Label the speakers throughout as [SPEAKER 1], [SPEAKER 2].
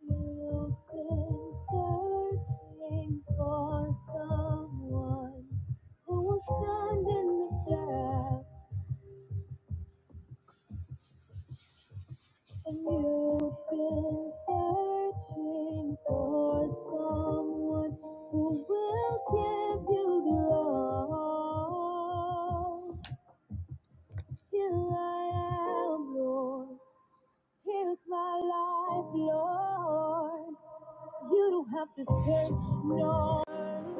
[SPEAKER 1] You've been searching for someone who will stand in the gap, and you've been searching for someone who will give you the love. Here I am, Lord. Here's my life, Lord. You don't have to search, no.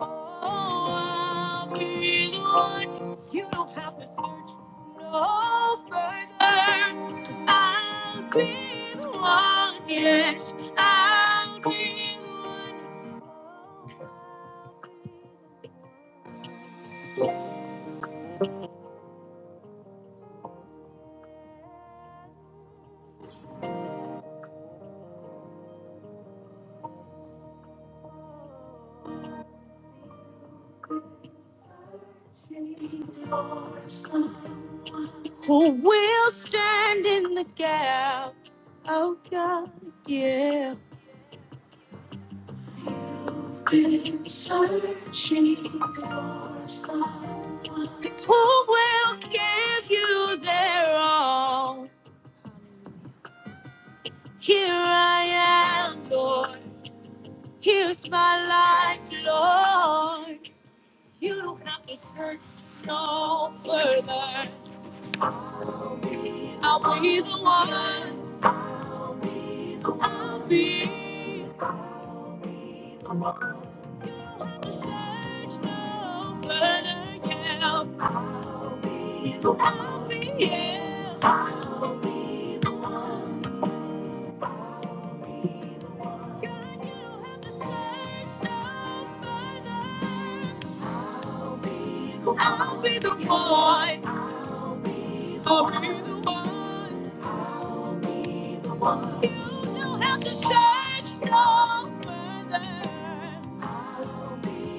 [SPEAKER 1] Oh, I'll be the one. You don't have to search no further. 'Cause I'll be the one. Yes, I'll be the one. Who will stand in the gap? Oh God, yeah. been searching for someone who will give you their all. Here I am, Lord. Here's my life, Lord. You don't have to search no further. I'll be the I'll be the one. I'll be the one. I'll be the one. I'll be the one. I'll be yeah. I'll be the one. God, you have the search I'll be the one. I'll be the one. I'll be the one. I'll be the one. You don't have to search no further.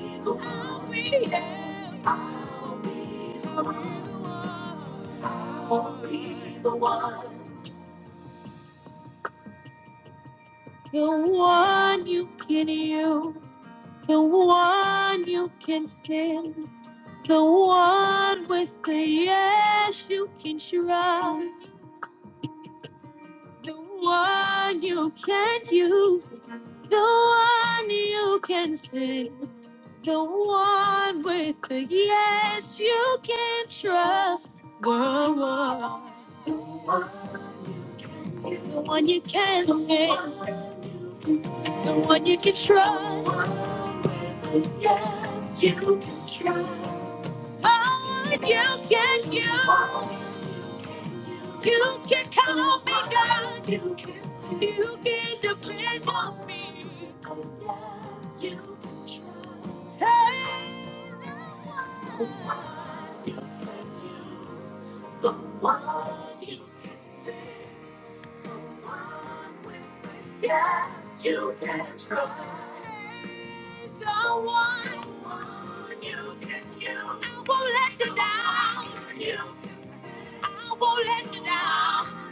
[SPEAKER 1] I'll be the one. The one you can use, the one you can send, the one with the yes you can trust, the one you can use, the one you can send, the one with the yes you can trust. Whoa, whoa. The one The one you can depend the one you can trust. Yes, you can trust. Oh, you can you. You can call me God. You can you can depend on me. Yes, you can trust. Hey. Yes, you can trust. the one you can use. I won't let you down. I won't let you down.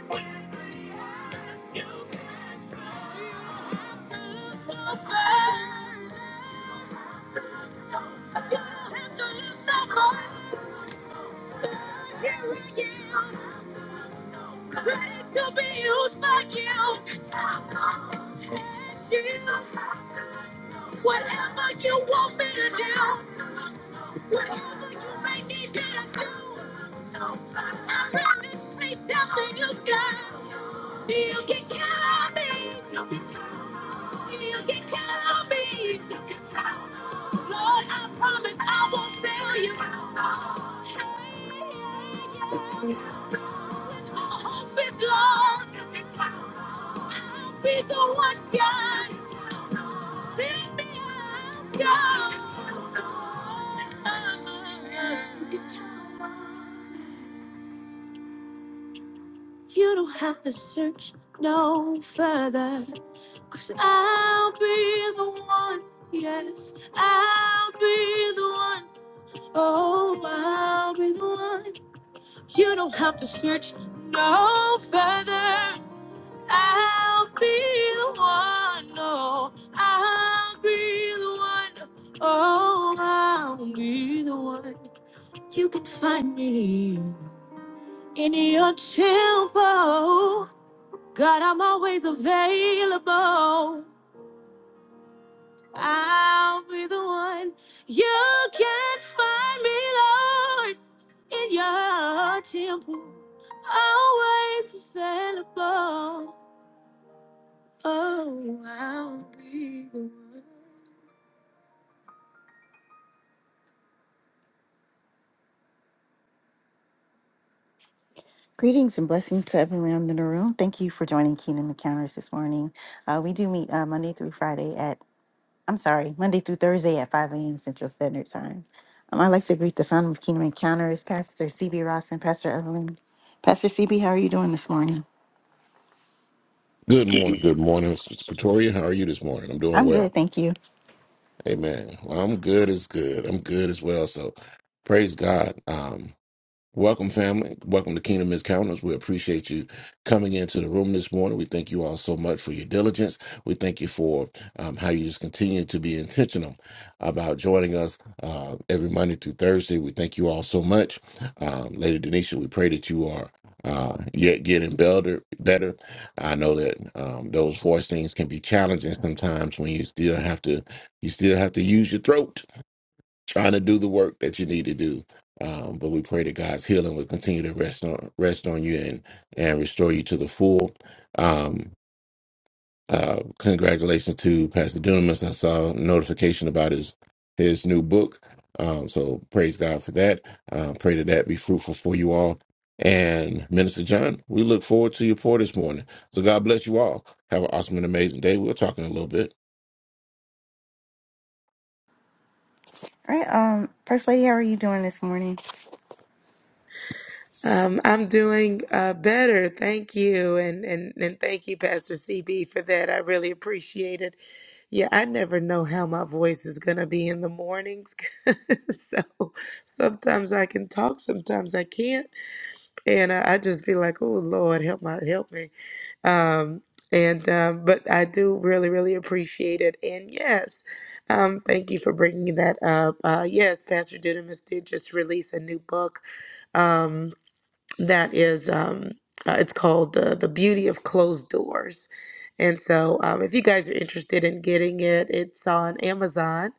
[SPEAKER 1] You have to use the Lord. Here I am, ready to be used by you. And you. Whatever you want me to do, whatever you may need me to do, I'm ready to speak down to you, God. You can count me. You can count me. Lord, I promise I won't fail you. When all hope is lost, I'll be the one God. Send me out, God. You don't have to search no further. Cause I'll be the one, yes, I'll be the one. Oh, I'll be the one. You don't have to search no further. I'll be the one, oh, I'll be the one. Oh, I'll be the one. You can find me in your temple. God, I'm always available. I'll be the one. You can find me, Lord, in your temple, always available. Oh, I'll be the one. Greetings and blessings to everyone in the room. Thank you for joining Kingdom Encounters this morning. Uh, we do meet uh, Monday through Friday at, I'm sorry, Monday through Thursday at 5 a.m. Central Standard Time. Um, I'd like to greet the founder of Kingdom Encounters, Pastor CB Ross and Pastor Evelyn. Pastor CB, how are you doing this morning?
[SPEAKER 2] Good morning. Good morning, Mr. Pretoria. How are you this morning? I'm doing
[SPEAKER 1] I'm good,
[SPEAKER 2] well.
[SPEAKER 1] thank you.
[SPEAKER 2] Amen. Well, I'm good as good. I'm good as well. So praise God. Um, Welcome, family. Welcome to Kingdom Encounters. We appreciate you coming into the room this morning. We thank you all so much for your diligence. We thank you for um, how you just continue to be intentional about joining us uh, every Monday through Thursday. We thank you all so much. Um, Lady Denisha, we pray that you are uh, yet getting better. better. I know that um, those voice things can be challenging sometimes when you still have to you still have to use your throat trying to do the work that you need to do. Um, but we pray that God's healing will continue to rest on rest on you and and restore you to the full. Um, uh, congratulations to Pastor Dunamis. I saw a notification about his his new book. Um, so praise God for that. Uh, pray that that be fruitful for you all. And Minister John, we look forward to your pour this morning. So God bless you all. Have an awesome and amazing day. We'll talk in a little bit.
[SPEAKER 1] All right, um, First Lady, how are you doing this morning?
[SPEAKER 3] Um, I'm doing uh, better, thank you, and, and and thank you, Pastor CB, for that. I really appreciate it. Yeah, I never know how my voice is gonna be in the mornings, so sometimes I can talk, sometimes I can't, and I, I just be like, "Oh Lord, help my help me." Um, and um, but I do really, really appreciate it. And yes, um, thank you for bringing that up. Uh, yes, Pastor Didymus did just release a new book. Um, that is um uh, it's called the the beauty of closed doors and so um, if you guys are interested in getting it it's on amazon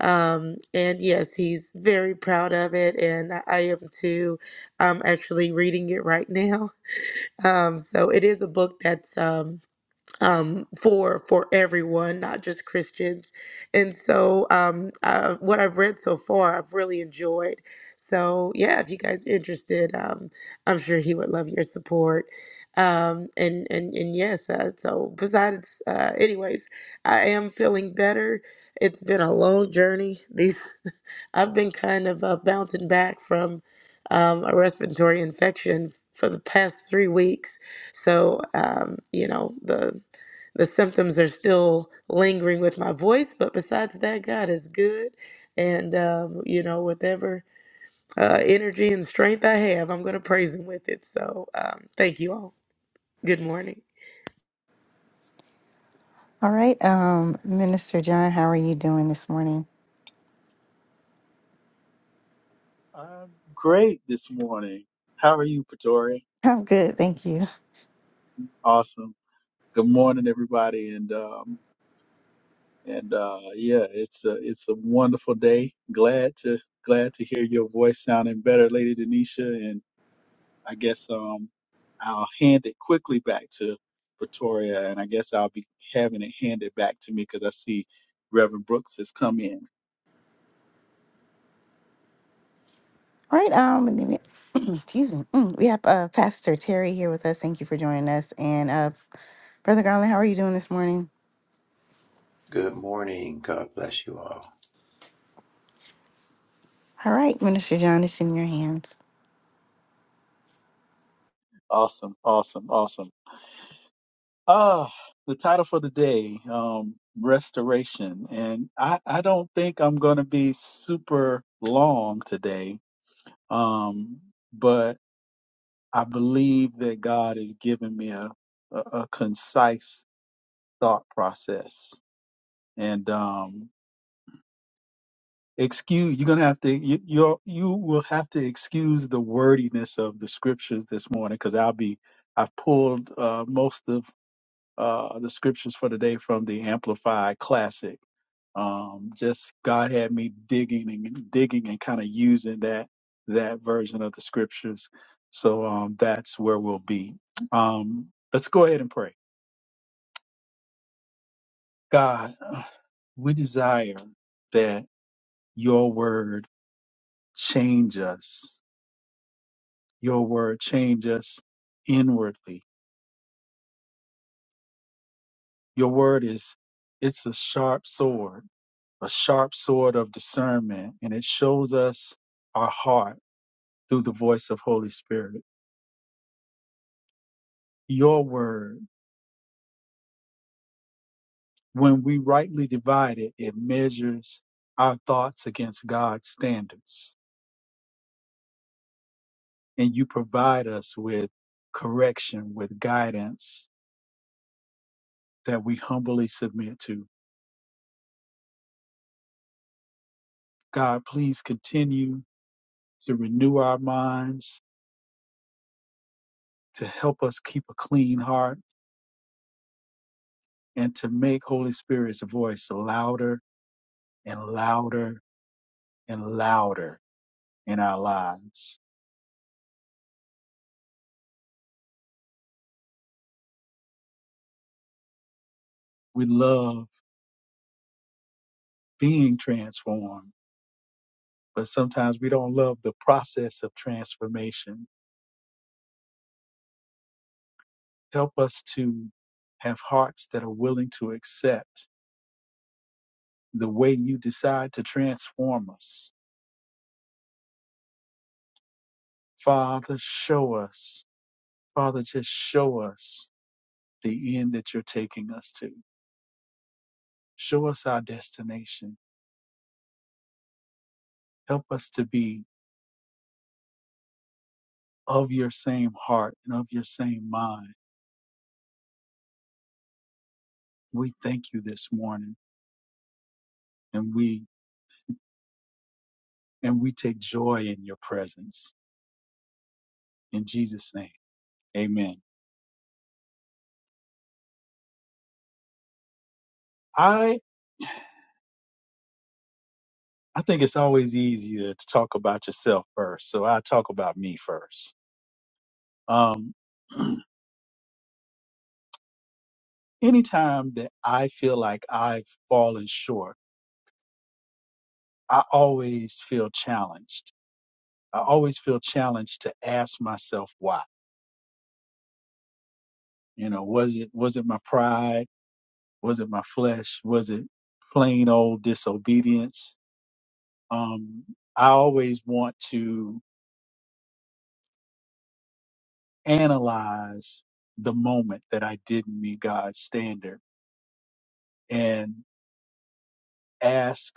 [SPEAKER 3] um, and yes he's very proud of it and i am too i'm actually reading it right now um, so it is a book that's um, um, for for everyone, not just Christians. And so, um, uh, what I've read so far, I've really enjoyed. So, yeah, if you guys are interested, um, I'm sure he would love your support. Um, and and and yes, uh, so besides, uh, anyways, I am feeling better. It's been a long journey. These I've been kind of uh, bouncing back from um, a respiratory infection for the past three weeks. So, um, you know, the the symptoms are still lingering with my voice, but besides that, God is good. And, um, you know, whatever uh, energy and strength I have, I'm going to praise Him with it. So, um, thank you all. Good morning.
[SPEAKER 1] All right, um, Minister John, how are you doing this morning?
[SPEAKER 4] I'm great this morning. How are you, Pretori?
[SPEAKER 1] I'm good, thank you.
[SPEAKER 4] Awesome. Good morning, everybody, and um, and uh, yeah, it's a it's a wonderful day. Glad to glad to hear your voice sounding better, Lady Denisha. And I guess um, I'll hand it quickly back to Pretoria, and I guess I'll be having it handed back to me because I see Reverend Brooks has come in.
[SPEAKER 1] All right, um, and then we- excuse me, Mm, we have uh, Pastor Terry here with us. Thank you for joining us, and uh, Brother Garland, how are you doing this morning?
[SPEAKER 5] Good morning. God bless you all.
[SPEAKER 1] All right, Minister John, it's in your hands.
[SPEAKER 4] Awesome, awesome, awesome. Ah, the title for the day, um, restoration, and I, I don't think I'm going to be super long today, um, but I believe that God has given me a, a, a concise thought process, and um, excuse you're going to have to you you're, you will have to excuse the wordiness of the scriptures this morning because I'll be I've pulled uh, most of uh, the scriptures for today from the Amplified Classic um, just God had me digging and digging and kind of using that that version of the scriptures. So um, that's where we'll be. Um, let's go ahead and pray. God, we desire that Your Word change us. Your Word change us inwardly. Your Word is it's a sharp sword, a sharp sword of discernment, and it shows us our heart through the voice of Holy Spirit. Your Word When we rightly divide it, it measures our thoughts against God's standards. And you provide us with correction, with guidance that we humbly submit to. God, please continue to renew our minds, to help us keep a clean heart, and to make Holy Spirit's voice louder and louder and louder in our lives. We love being transformed but sometimes we don't love the process of transformation. Help us to have hearts that are willing to accept the way you decide to transform us. Father, show us. Father, just show us the end that you're taking us to. Show us our destination. Help us to be of your same heart and of your same mind. We thank you this morning and we and we take joy in your presence. In Jesus' name. Amen. I. I think it's always easier to talk about yourself first. So I talk about me first. Um, anytime that I feel like I've fallen short, I always feel challenged. I always feel challenged to ask myself why. You know, was it was it my pride? Was it my flesh? Was it plain old disobedience? Um, I always want to analyze the moment that I didn't meet God's standard and. ask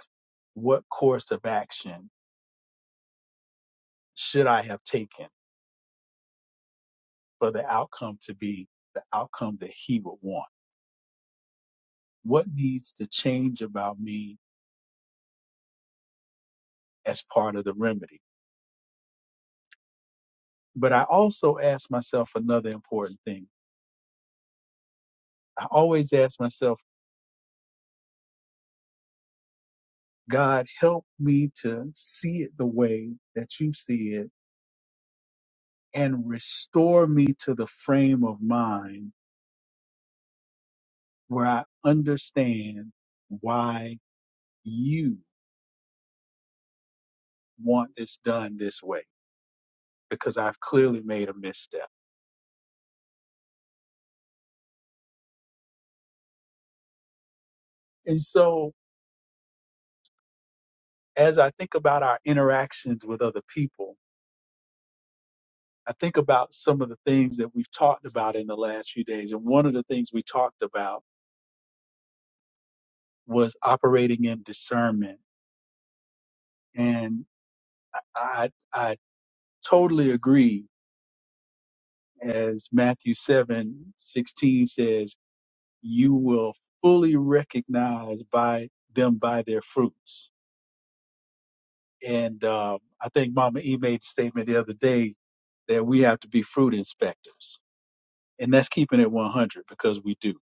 [SPEAKER 4] what course of action should I have taken for the outcome to be the outcome that he would want? What needs to change about me as part of the remedy? But I also ask myself another important thing. I always ask myself, God, help me to see it the way that you see it and restore me to the frame of mind where I understand why you want this done this way because I've clearly made a misstep. And so, as I think about our interactions with other people, I think about some of the things that we've talked about in the last few days. And one of the things we talked about was operating in discernment. And I, I totally agree. As Matthew seven sixteen says, you will fully recognize by them by their fruits And um, I think Mama E made the statement the other day that we have to be fruit inspectors. And that's keeping it 100 because we do.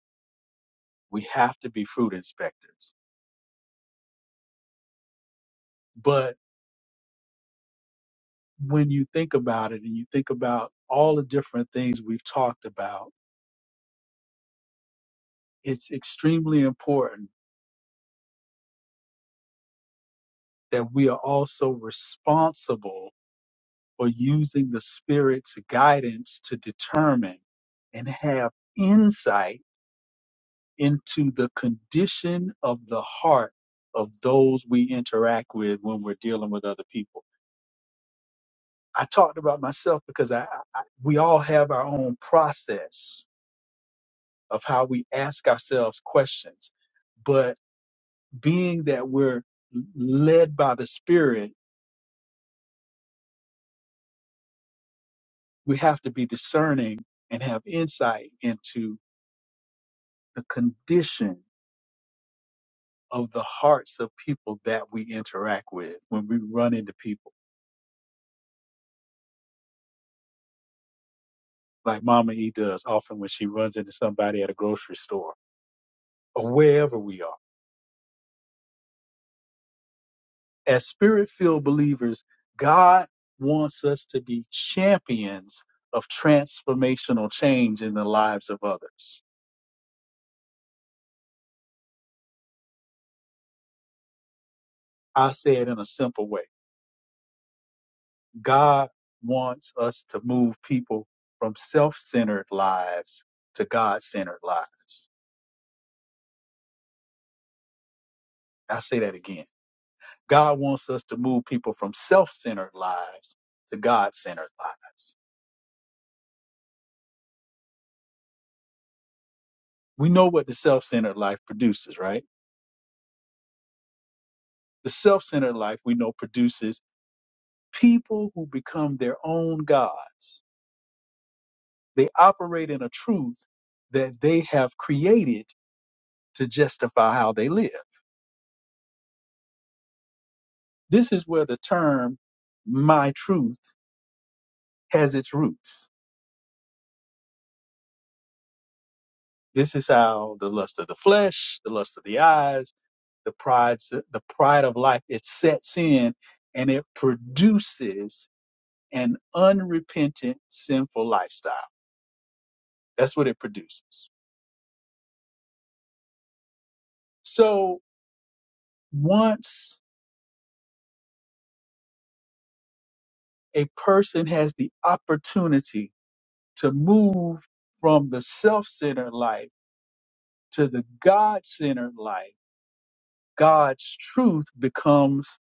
[SPEAKER 4] We have to be fruit inspectors. But when you think about it and you think about all the different things we've talked about, it's extremely important that we are also responsible for using the Spirit's guidance to determine and have insight into the condition of the heart of those we interact with when we're dealing with other people. I talked about myself because I, I we all have our own process of how we ask ourselves questions, but being that we're led by the Spirit, we have to be discerning and have insight into the condition of the hearts of people that we interact with when we run into people like Mama E does often when she runs into somebody at a grocery store or wherever we are. As spirit filled believers, God wants us to be champions of transformational change in the lives of others. I say it in a simple way God wants us to move people from self centered lives to God centered lives. I say that again. God wants us to move people from self centered lives to God centered lives. we know what the self-centered life produces, right? The self-centered life we know produces people who become their own gods. They operate in a truth that they have created to justify how they live. This is where the term my truth has its roots. This is how the lust of the flesh, the lust of the eyes, the pride, the pride of life, it sets in and it produces an unrepentant sinful lifestyle That's what it produces. So once a person has the opportunity to move from the self centered life to the God centered life, God's truth becomes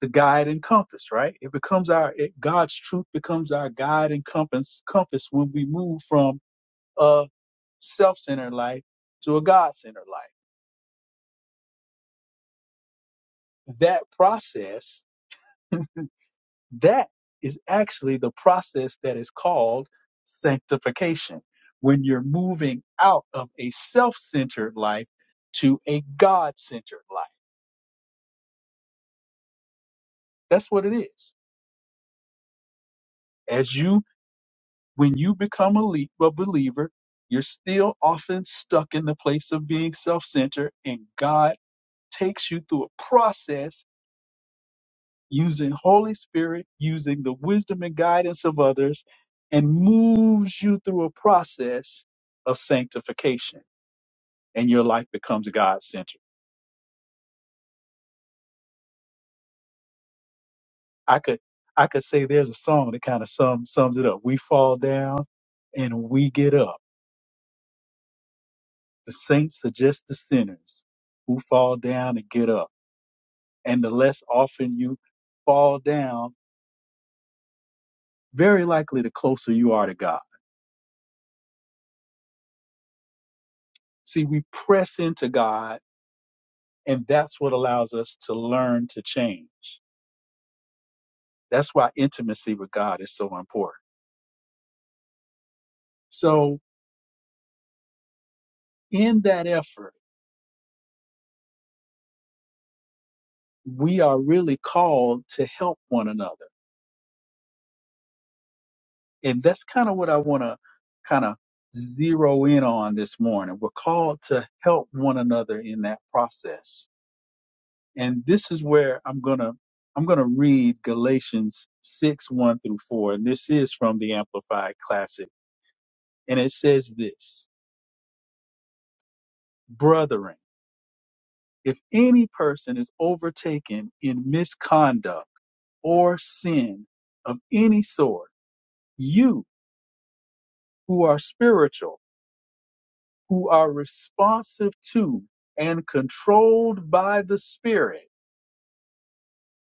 [SPEAKER 4] the guide and compass, right? It becomes our, it, God's truth becomes our guide and compass, compass when we move from a self centered life to a God centered life. That process That is actually the process that is called sanctification. When you're moving out of a self centered life to a God centered life. That's what it is. As you, when you become a, le- a believer, you're still often stuck in the place of being self centered, and God takes you through a process using Holy Spirit, using the wisdom and guidance of others, and moves you through a process of sanctification, and your life becomes God centered. I could I could say there's a song that kind of sum, sums it up. We fall down and we get up. The saints are just the sinners who fall down and get up. And the less often you fall down, very likely the closer you are to God. See, we press into God And that's what allows us to learn to change. That's why intimacy with God is so important. So, in that effort, we are really called to help one another. And that's kind of what I want to kind of zero in on this morning. We're called to help one another in that process. And this is where I'm going to I'm going to read Galatians 6, 1 through 4. And this is from the Amplified Classic. And it says this, Brethren, If any person is overtaken in misconduct or sin of any sort, you who are spiritual, who are responsive to and controlled by the Spirit,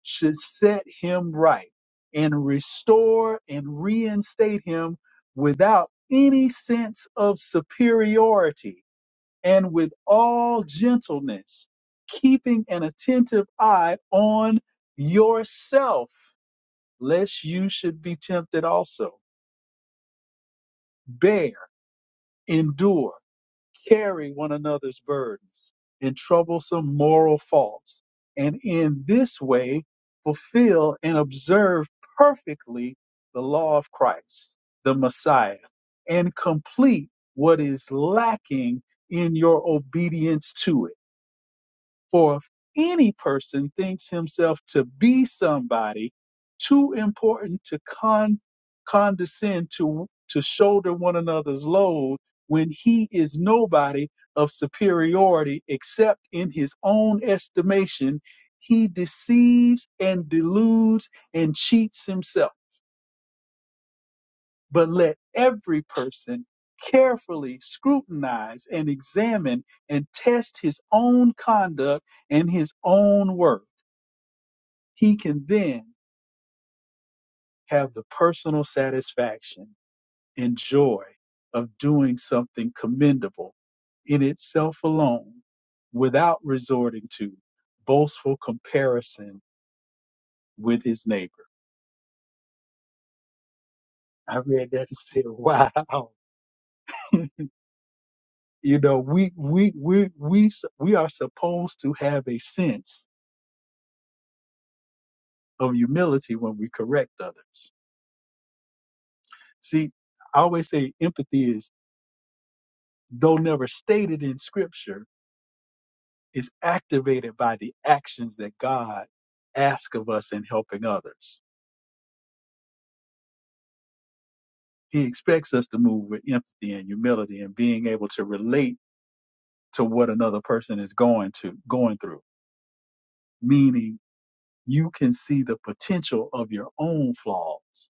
[SPEAKER 4] should set him right and restore and reinstate him without any sense of superiority and with all gentleness, keeping an attentive eye on yourself, lest you should be tempted also. Bear, endure, carry one another's burdens and troublesome moral faults, and in this way fulfill and observe perfectly the law of Christ, the Messiah, and complete what is lacking in your obedience to it For if any person thinks himself to be somebody too important to con- condescend to, to shoulder one another's load when he is nobody of superiority except in his own estimation, he deceives and deludes and cheats himself. But let every person carefully scrutinize and examine and test his own conduct and his own work he can then have the personal satisfaction and joy of doing something commendable in itself alone without resorting to boastful comparison with his neighbor. I read that and said, wow. you know, we, we, we, we, we are supposed to have a sense of humility when we correct others. See, I always say empathy is, though never stated in scripture, is activated by the actions that God asks of us in helping others. He expects us to move with empathy and humility and being able to relate to what another person is going to going through. Meaning you can see the potential of your own flaws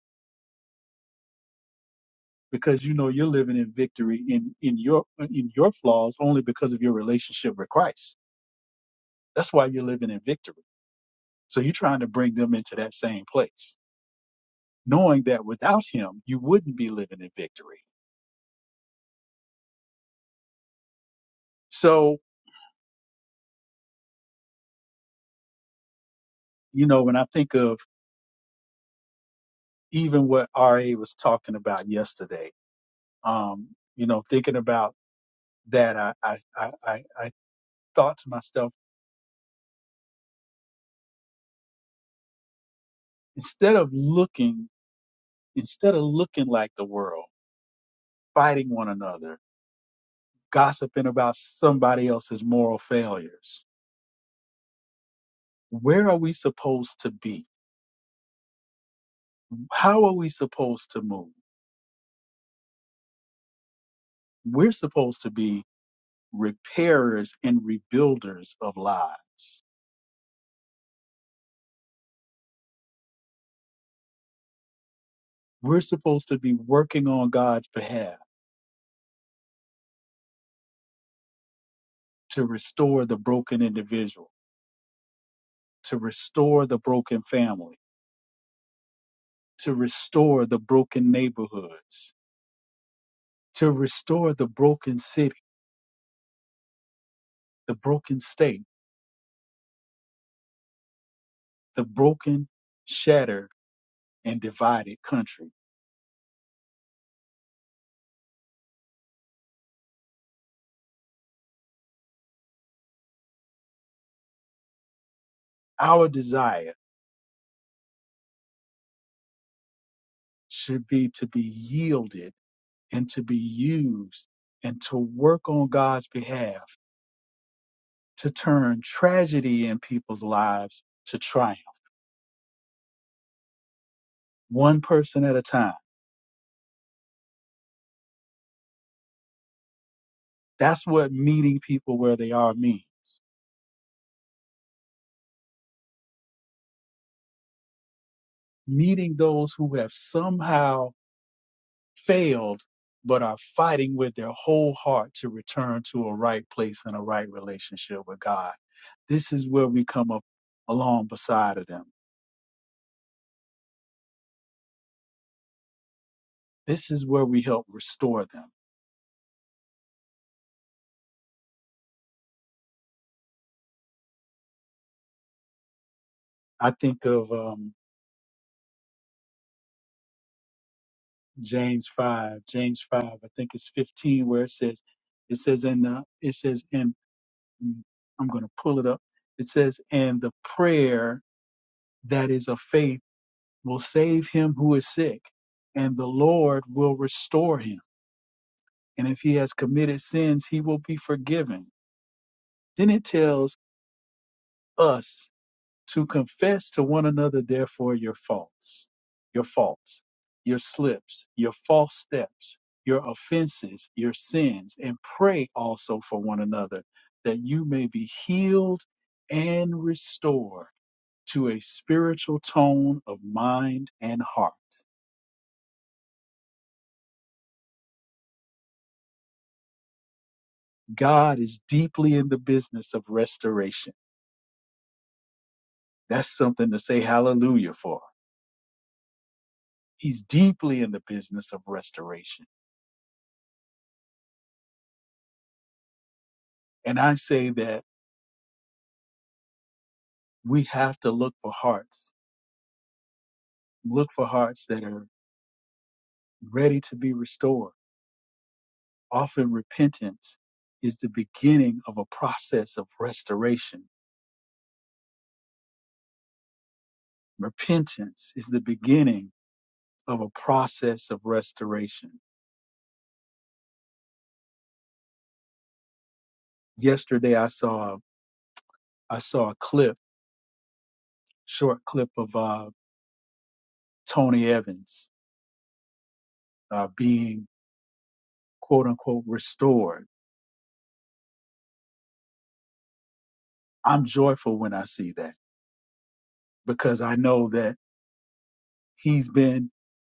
[SPEAKER 4] because you know you're living in victory in in your in your flaws only because of your relationship with Christ. That's why you're living in victory. So you're trying to bring them into that same place, knowing that without him you wouldn't be living in victory So, you know, when I think of even what RA was talking about yesterday, um, you know, thinking about that, I, I, I, I I thought to myself, instead of looking, instead of looking like the world, fighting one another, gossiping about somebody else's moral failures, where are we supposed to be? How are we supposed to move? We're supposed to be repairers and rebuilders of lives We're supposed to be working on God's behalf to restore the broken individual, to restore the broken family, to restore the broken neighborhoods, to restore the broken city, the broken state, the broken, shattered, and divided country. Our desire should be to be yielded and to be used and to work on God's behalf to turn tragedy in people's lives to triumph, one person at a time That's what meeting people where they are means. Meeting those who have somehow failed but are fighting with their whole heart to return to a right place and a right relationship with God. This is where we come up along beside of them. This is where we help restore them. I think of um, James five, James five, I think it's fifteen, where it says, it says, in. uh, it says, and I'm going to pull it up. It says, and the prayer that is of faith will save him who is sick, and the Lord will restore him. And if he has committed sins, he will be forgiven. Then it tells us to confess to one another, therefore, your faults, your faults, your slips, your false steps, your offenses, your sins, and pray also for one another that you may be healed and restored to a spiritual tone of mind and heart God is deeply in the business of restoration. That's something to say hallelujah for. He's deeply in the business of restoration. And I say that we have to look for hearts, look for hearts that are ready to be restored. Often repentance is the beginning of a process of restoration. Repentance is the beginning of a process of restoration. Yesterday I saw I saw a clip, short clip of uh, Tony Evans uh, being quote unquote restored. I'm joyful when I see that because I know that he's been,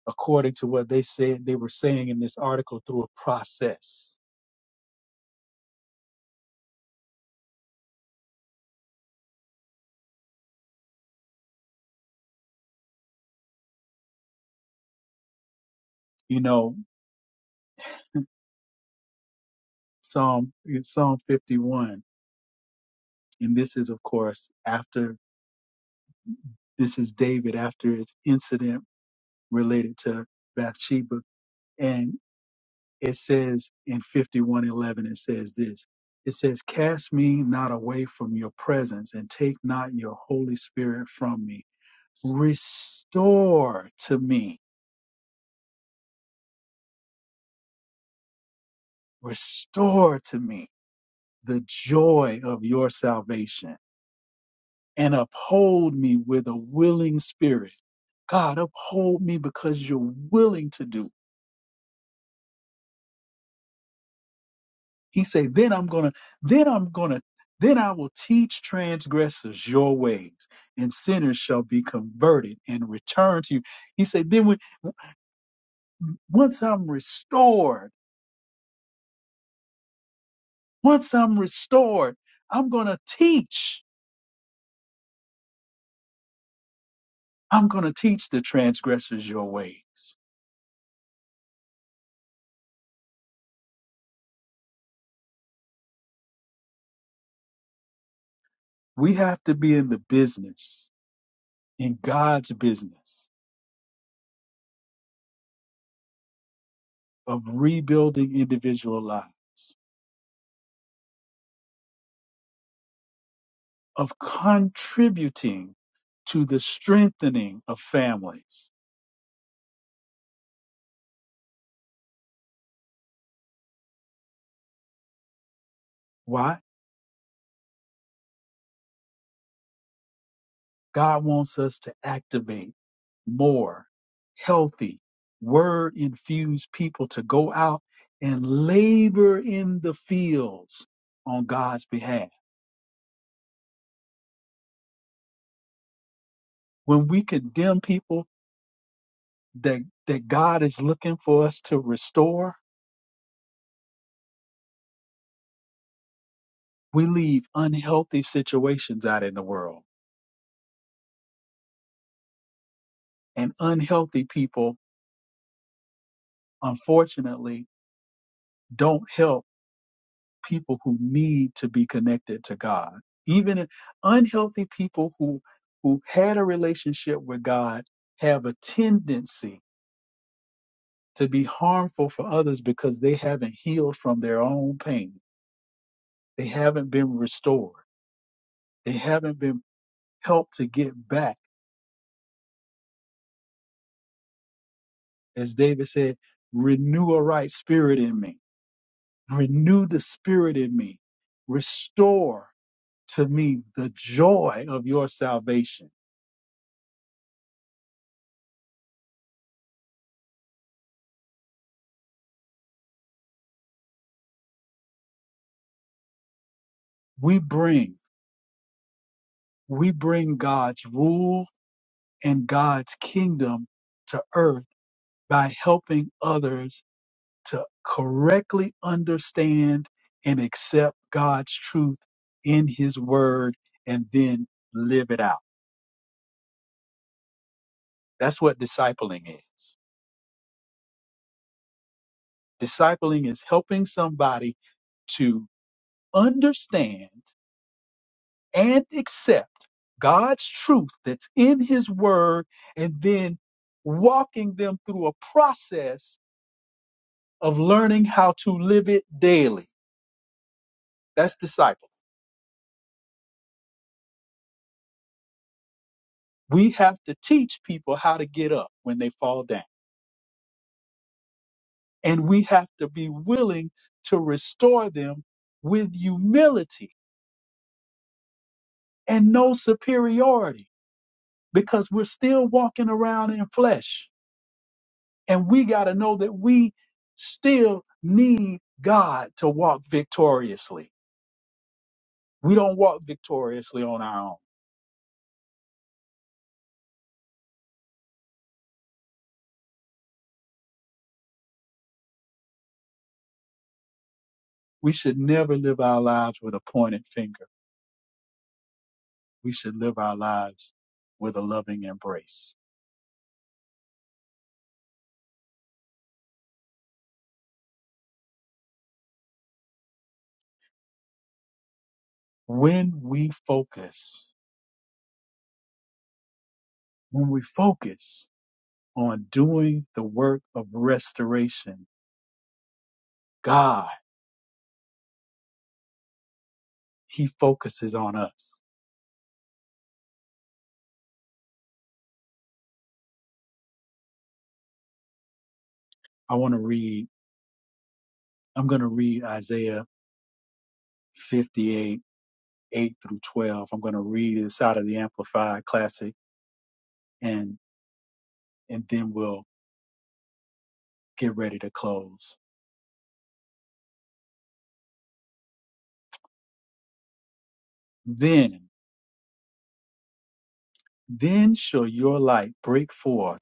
[SPEAKER 4] according to what they said, they were saying in this article through a process. You know, Psalm, Psalm 51. And this is, of course, after this is David after his incident related to Bathsheba. and. it says in 5111 it says this it says cast me not away from your presence and take not your holy spirit from me restore to me restore to me the joy of your salvation and uphold me with a willing spirit god uphold me because you're willing to do He said, then I'm gonna, then I'm gonna, then I will teach transgressors your ways, and sinners shall be converted and return to you. He said, then when, once I'm restored, once I'm restored, I'm gonna teach. I'm gonna teach the transgressors your ways. We have to be in the business, in God's business of rebuilding individual lives, of contributing to the strengthening of families Why? God wants us to activate more healthy, word infused people to go out and labor in the fields on God's behalf. When we condemn people that, that God is looking for us to restore, we leave unhealthy situations out in the world. And unhealthy people, unfortunately, don't help people who need to be connected to God. Even unhealthy people who who had a relationship with God have a tendency to be harmful for others because they haven't healed from their own pain. They haven't been restored. They haven't been helped to get back. As David said, renew a right spirit in me. Renew the spirit in me. Restore to me the joy of your salvation. We bring We bring God's rule and God's kingdom to earth by helping others to correctly understand and accept God's truth in his word and then live it out. That's what discipling is. Discipling is helping somebody to understand and accept God's truth that's in His Word and then walking them through a process of learning how to live it daily. That's disciple. We have to teach people how to get up when they fall down. And we have to be willing to restore them with humility and no superiority because we're still walking around in flesh. And we got to know that we still need God to walk victoriously. We don't walk victoriously on our own. We should never live our lives with a pointed finger we should live our lives with a loving embrace. When we focus, when we focus on doing the work of restoration, God, He focuses on us. I want to read, I'm going to read Isaiah 58, 8 through 12. I'm going to read this out of the Amplified Classic and, and then we'll get ready to close. Then, then shall your light break forth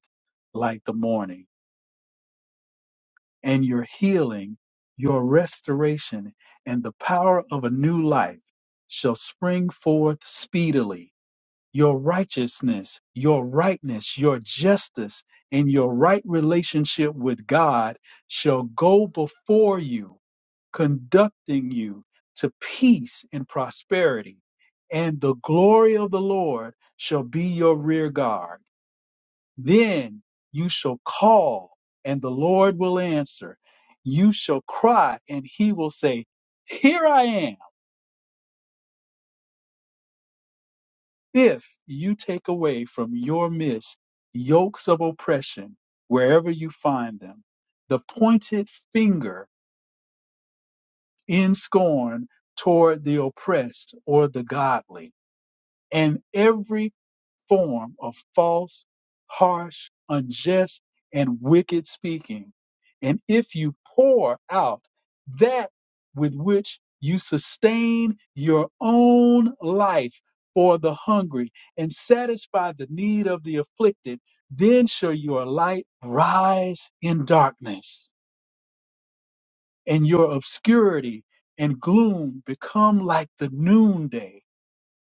[SPEAKER 4] like the morning and your healing, your restoration, and the power of a new life shall spring forth speedily. Your righteousness, your rightness, your justice, and your right relationship with God shall go before you, conducting you to peace and prosperity. And the glory of the Lord shall be your rear guard then you shall call and the Lord will answer. You shall cry and he will say, Here I am. If you take away from your midst yokes of oppression wherever you find them, the pointed finger in scorn toward the oppressed or the godly, and every form of false, harsh, unjust, and wicked speaking. And if you pour out that with which you sustain your own life for the hungry and satisfy the need of the afflicted, then shall your light rise in darkness and your obscurity and gloom become like the noonday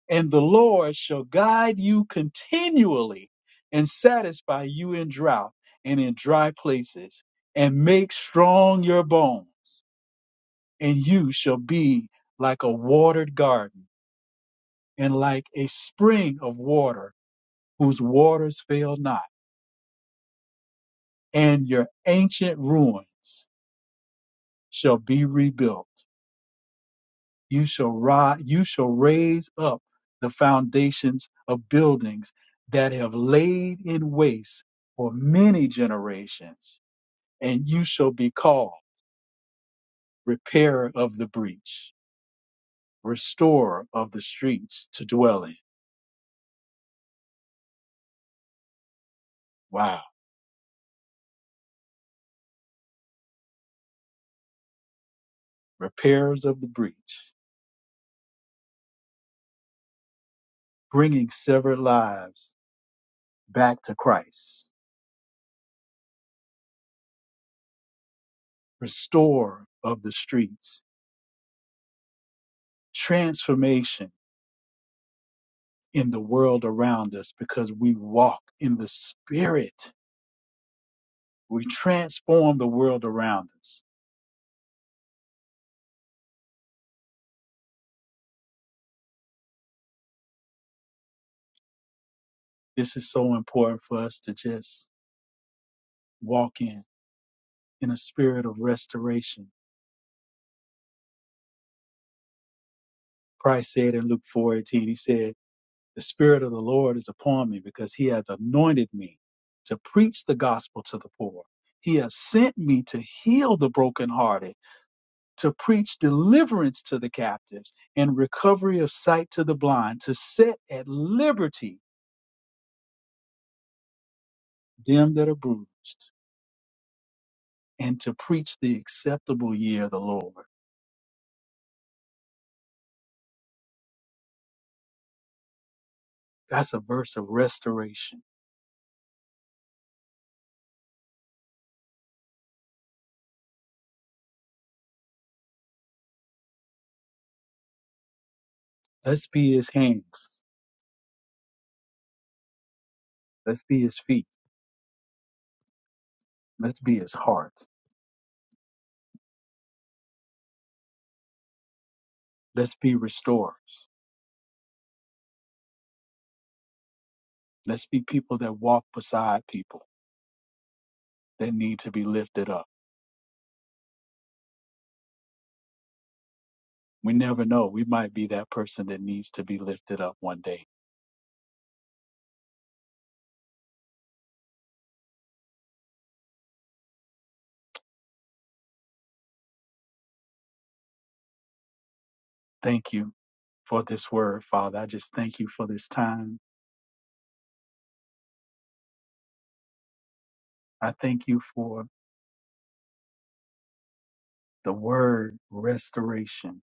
[SPEAKER 4] and the Lord shall guide you continually and satisfy you in drought and in dry places and make strong your bones and you shall be like a watered garden and like a spring of water whose waters fail not and your ancient ruins shall be rebuilt You shall rise, you shall raise up the foundations of buildings that have laid in waste for many generations, and you shall be called repairer of the breach, restorer of the streets to dwell in. Wow. Repairers of the breach, bringing severed lives back to Christ, Restorer of the streets, transformation in the world around us because we walk in the spirit We transform the world around us. This is so important for us to just walk in, in a spirit of restoration. Christ said in Luke 4:18, he said, the spirit of the Lord is upon me because he hath anointed me to preach the gospel to the poor. He has sent me to heal the brokenhearted, to preach deliverance to the captives and recovery of sight to the blind, to set at liberty them that are bruised and to preach the acceptable year of the Lord. That's a verse of restoration. Let's be his hands. Let's be his feet. Let's be his heart. Let's be restorers. Let's be people that walk beside people that need to be lifted up. We never know. We might be that person that needs to be lifted up one day. Thank you for this word, Father. I just thank you for this time. I thank you for the word restoration.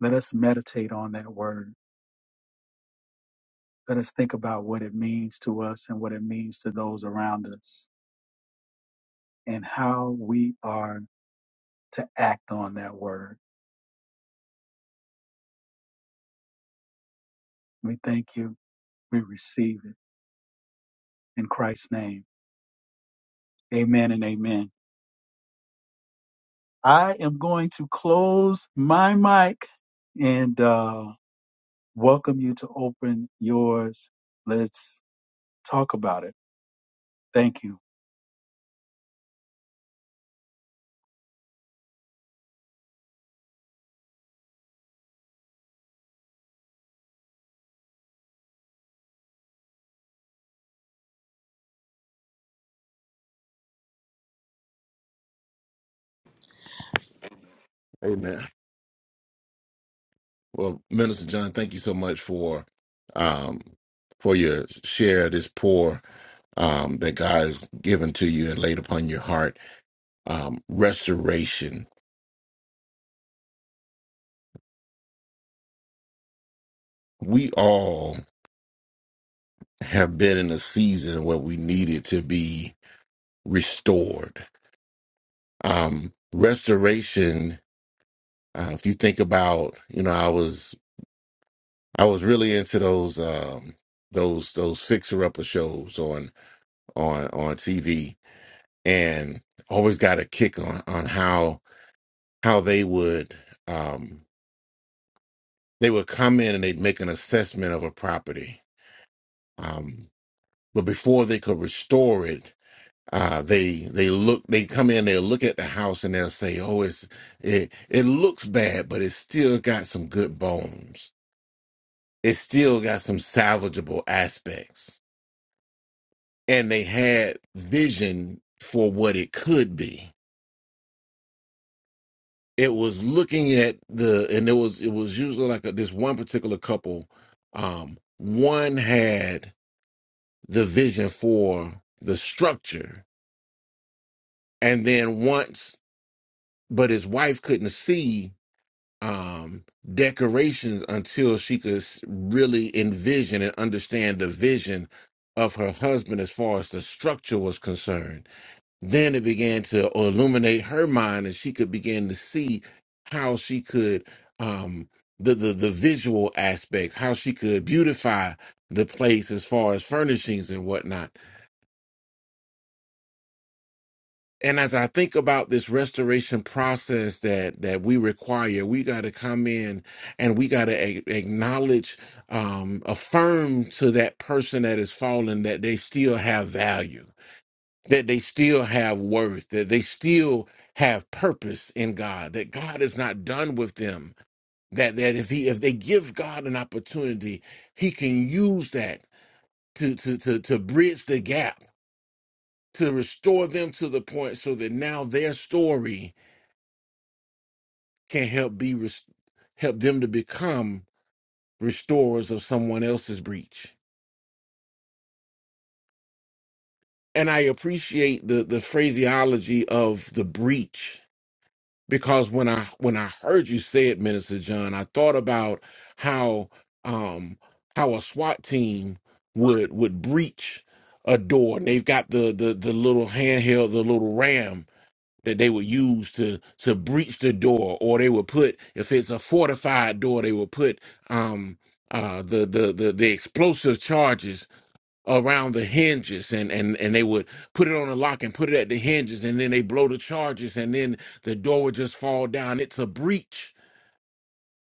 [SPEAKER 4] Let us meditate on that word Let us think about what it means to us and what it means to those around us and how we are to act on that word. We thank you. We receive it in Christ's name. Amen and amen. I am going to close my mic and uh, welcome you to open yours. Let's talk about it. Thank you.
[SPEAKER 2] Amen. Well, Minister John, thank you so much for um, for your share of this pour um, that God has given to you and laid upon your heart. Um, restoration. We all have been in a season where we needed to be restored. Um, restoration. Uh, if you think about, you know, I was I was really into those um, those those fixer upper shows on on on TV and always got a kick on on how how they would um they would come in and they'd make an assessment of a property um but before they could restore it uh they they look they come in they'll look at the house and they'll say oh it's it it looks bad but it's still got some good bones it still got some salvageable aspects and they had vision for what it could be it was looking at the and it was it was usually like a, this one particular couple um one had the vision for the structure and then once but his wife couldn't see um decorations until she could s- really envision and understand the vision of her husband as far as the structure was concerned then it began to illuminate her mind and she could begin to see how she could um the the, the visual aspects how she could beautify the place as far as furnishings and whatnot and as i think about this restoration process that that we require we got to come in and we got to a- acknowledge um affirm to that person that is fallen that they still have value that they still have worth, that they still have purpose in God, that God is not done with them. That that if he if they give God an opportunity, he can use that to to to, to bridge the gap, to restore them to the point so that now their story can help be res- help them to become restorers of someone else's breach. And I appreciate the the phraseology of the breach because when I when I heard you say it, Minister John, I thought about how um how a SWAT team would would breach a door and they've got the the the little handheld, the little ram that they would use to to breach the door or they would put if it's a fortified door, they would put um uh the the the, the explosive charges around the hinges and and and they would put it on a lock and put it at the hinges and then they blow the charges and then the door would just fall down it's a breach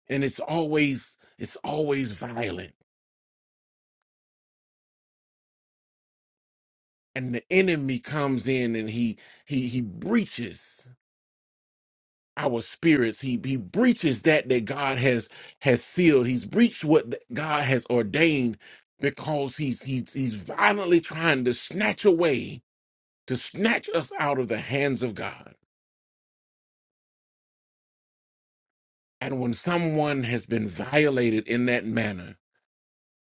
[SPEAKER 2] and it's always it's always violent and the enemy comes in and he he he breaches our spirits he he breaches that that God has has sealed he's breached what th- God has ordained because he's he's he's violently trying to snatch away to snatch us out of the hands of God And when someone has been violated in that manner,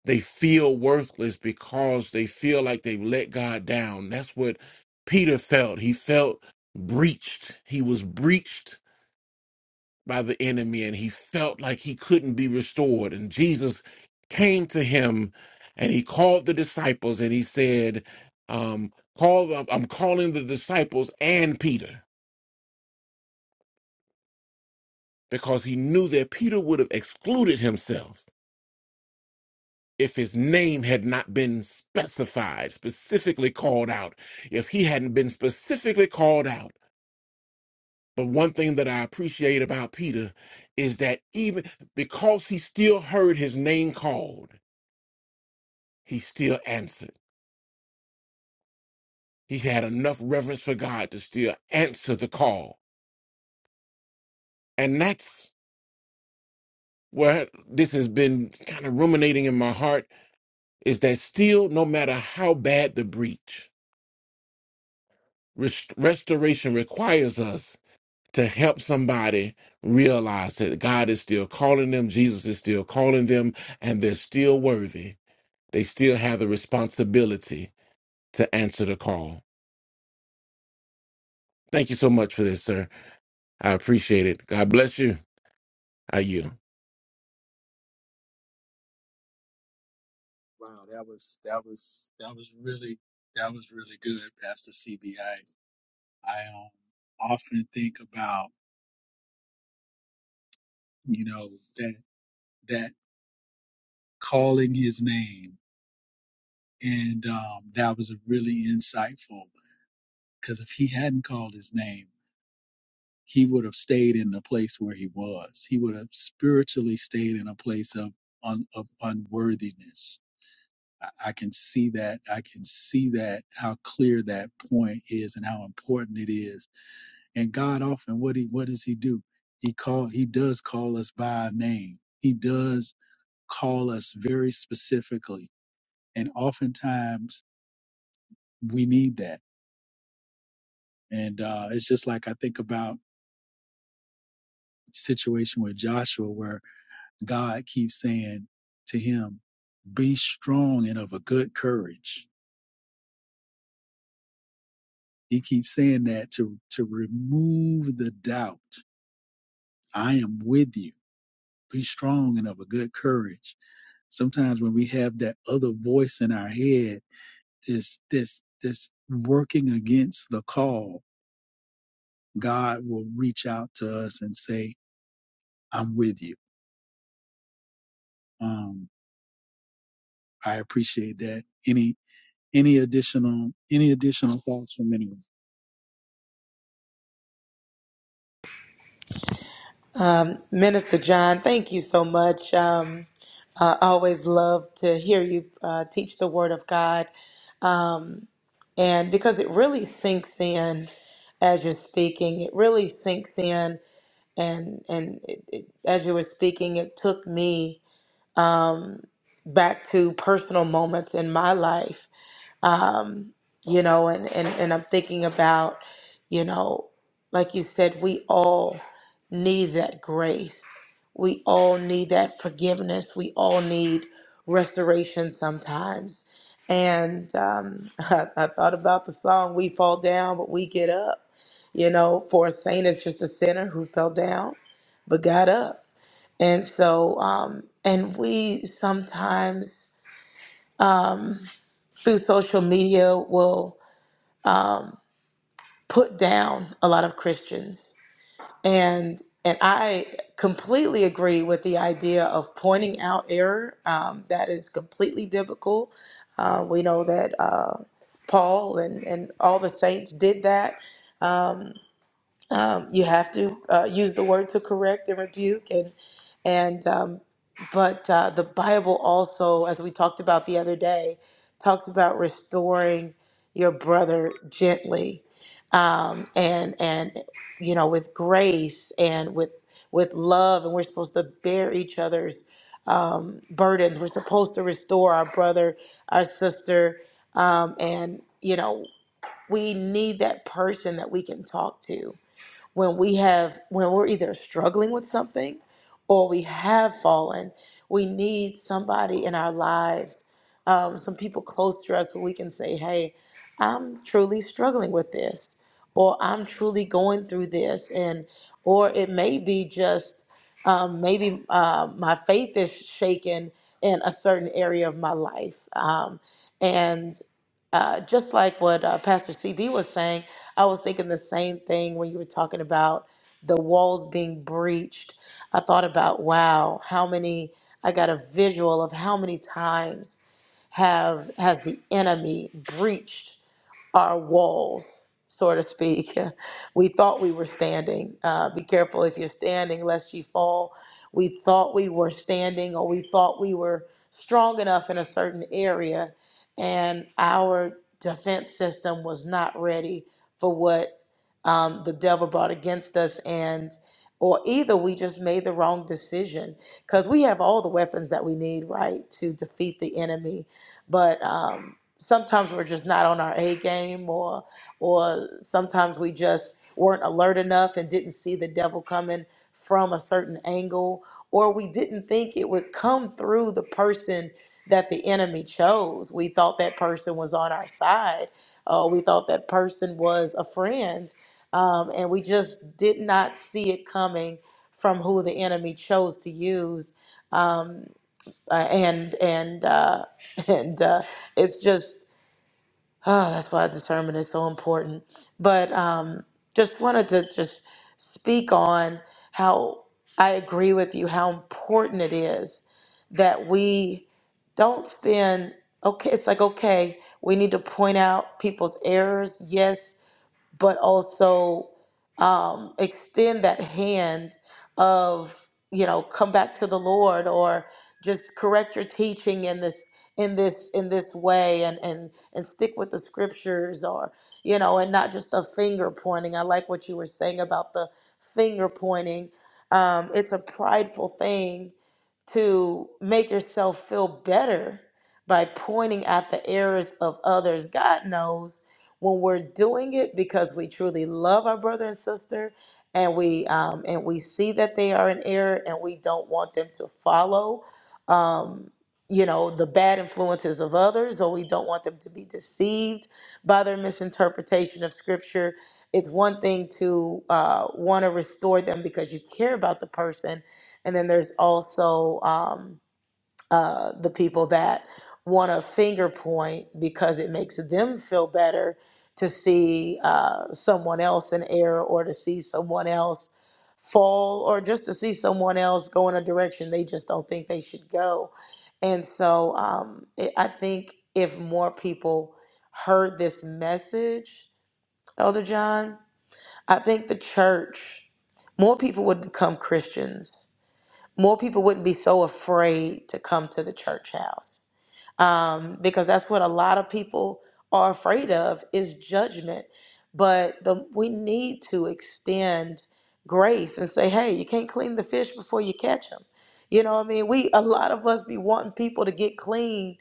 [SPEAKER 2] they feel worthless because they feel like they've let God down. That's what Peter felt. He felt breached. He was breached by the enemy and he felt like he couldn't be restored. And Jesus came to him and he called the disciples and he said, um, call I'm calling the disciples and Peter because he knew that Peter would have excluded himself if his name had not been specified, specifically called out, if he hadn't been specifically called out. But one thing that I appreciate about Peter is that even because he still heard his name called, he still answered. He had enough reverence for God to still answer the call. And that's where this has been kind of ruminating in my heart is that still, no matter how bad the breach, rest- restoration requires us to help somebody realize that God is still calling them, Jesus is still calling them, and they're still worthy. They still have the responsibility to answer the call. Thank you so much for this, sir. I appreciate it. God bless you. I you.
[SPEAKER 4] Wow, that was that was that was really that was really good, Pastor CB. I I um, often think about. you know that that calling his name and um, that was a really insightful because if he hadn't called his name he would have stayed in the place where he was he would have spiritually stayed in a place of un, of unworthiness I, I can see that i can see that how clear that point is and how important it is and god often what he what does he do he call he does call us by our name he does call us very specifically And oftentimes we need that. And uh, it's just like I think about the situation with Joshua where God keeps saying to him, be strong and of a good courage. He keeps saying that to, to remove the doubt. I am with you. Be strong and of a good courage. Sometimes when we have that other voice in our head, this, this, this working against the call, God will reach out to us and say, I'm with you. Um, I appreciate that. Any any additional any additional thoughts from anyone?
[SPEAKER 3] Um, Minister John, thank you so much. Um, I always love to hear you uh, teach the Word of God. Um, and because it really sinks in as you're speaking, it really sinks in. And, and it, it, as you were speaking, it took me um, back to personal moments in my life um, you know, and, and, and I'm thinking about, you know, like you said, we all need that grace. We all need that forgiveness. We all need restoration sometimes. And um, I, I thought about the song, We Fall Down, but We Get Up. You know, for a saint, it's just a sinner who fell down but got up. And so, um, and we sometimes, um, through social media will um, put down a lot of Christians. And and I completely agree with the idea of pointing out error. Um, that is completely biblical. Uh, we know that uh, Paul and, and all the saints did that. Um, um, you have to uh, use the word to correct and rebuke and and um, but uh, the bible also as we talked about the other day talks about restoring your brother gently um, and and you know with grace and with with love and we're supposed to bear each other's um, burdens we're supposed to restore our brother our sister um, and you know we need that person that we can talk to when we have when we're either struggling with something or we have fallen we need somebody in our lives um, some people close to us where we can say hey i'm truly struggling with this or i'm truly going through this and or it may be just um, maybe uh, my faith is shaken in a certain area of my life um, and uh, just like what uh, Pastor CB was saying, I was thinking the same thing when you were talking about the walls being breached. I thought about, wow, how many, I got a visual of how many times have has the enemy breached our walls, so to speak. We thought we were standing. Uh, be careful if you're standing, lest you fall. We thought we were standing, or we thought we were strong enough in a certain area, and our defense system was not ready for what um, the devil brought against us, and or either we just made the wrong decision because we have all the weapons that we need, right, to defeat the enemy, but. Um, sometimes we're just not on our A game or or sometimes we just weren't alert enough and didn't see the devil coming from a certain angle or we didn't think it would come through the person that the enemy chose. We thought that person was on our side. Uh, we thought that person was a friend. Um, and we just did not see it coming from who the enemy chose to use. Um, uh, and and uh, and uh, it's just Oh, that's why discernment is so important. But um, just wanted to just speak on how I agree with you, how important it is that we don't spend, okay, it's like, okay, we need to point out people's errors. Yes, but also um, extend that hand of you know come back to the Lord or just correct your teaching in this in this in this way and and and stick with the scriptures or you know and not just the finger pointing. I like what you were saying about the finger pointing. Um, it's a prideful thing to make yourself feel better by pointing at the errors of others. God knows when we're doing it because we truly love our brother and sister and we um, and we see that they are in error and we don't want them to follow um, you know the bad influences of others or we don't want them to be deceived by their misinterpretation of scripture it's one thing to uh, want to restore them because you care about the person and then there's also um, uh, the people that want to finger point because it makes them feel better to see uh, someone else in error or to see someone else fall or just to see someone else go in a direction they just don't think they should go. And so um, it, I think if more people heard this message, Elder John, I think the church, more people would become Christians more people wouldn't be so afraid to come to the church house um, because that's what a lot of people are afraid of is judgment. But the, we need to extend grace and say, hey, you can't clean the fish before you catch them. You know what I mean? We a lot of us be wanting people to get clean.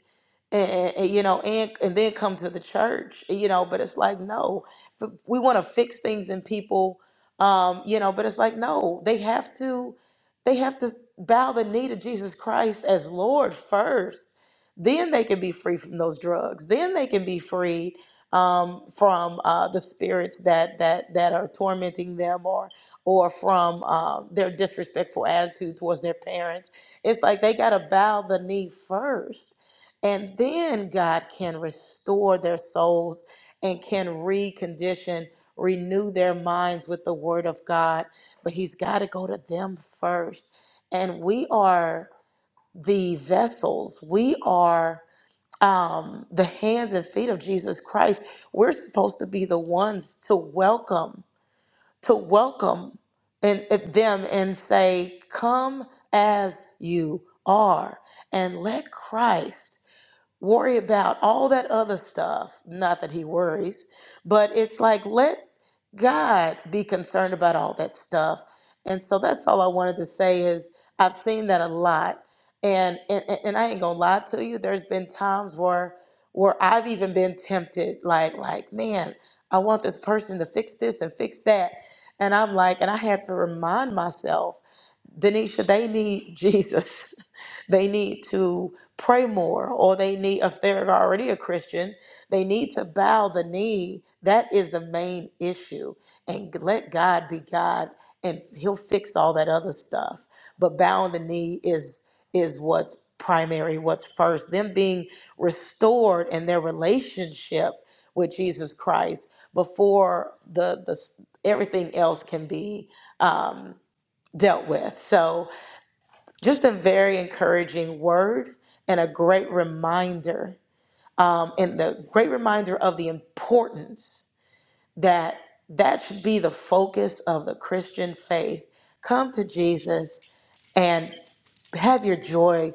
[SPEAKER 3] And, and- you know, and and then come to the church, you know. But it's like no, but we want to fix things in people, um, you know. But it's like no, they have to. They have to bow the knee to Jesus Christ as Lord first. Then they can be free from those drugs. Then they can be freed um, from uh, the spirits that that that are tormenting them, or or from um, their disrespectful attitude towards their parents. It's like they got to bow the knee first, and then God can restore their souls and can recondition, renew their minds with the Word of God but he's got to go to them first. And we are the vessels, we are um, the hands and feet of Jesus Christ. We're supposed to be the ones to welcome, to welcome and, and them and say, Come as you are, and let Christ worry about all that other stuff. Not that he worries, but it's like let God be concerned about all that stuff. And so that's all I wanted to say is I've seen that a lot. And and, and I ain't gonna lie to you, there's been times where where I've even been tempted, like, like, man, I want this person to fix this and fix that. And I'm like, and I had to remind myself Denisha, they need Jesus. they need to pray more, or they need, if they're already a Christian, they need to bow the knee. That is the main issue. And let God be God, and He'll fix all that other stuff. But bowing the knee is is what's primary, what's first. Them being restored in their relationship with Jesus Christ before the the everything else can be. Um, dealt with. So, just a very encouraging word and a great reminder, um, and the great reminder of the importance that that should be the focus of the Christian faith. Come to Jesus, and have your joy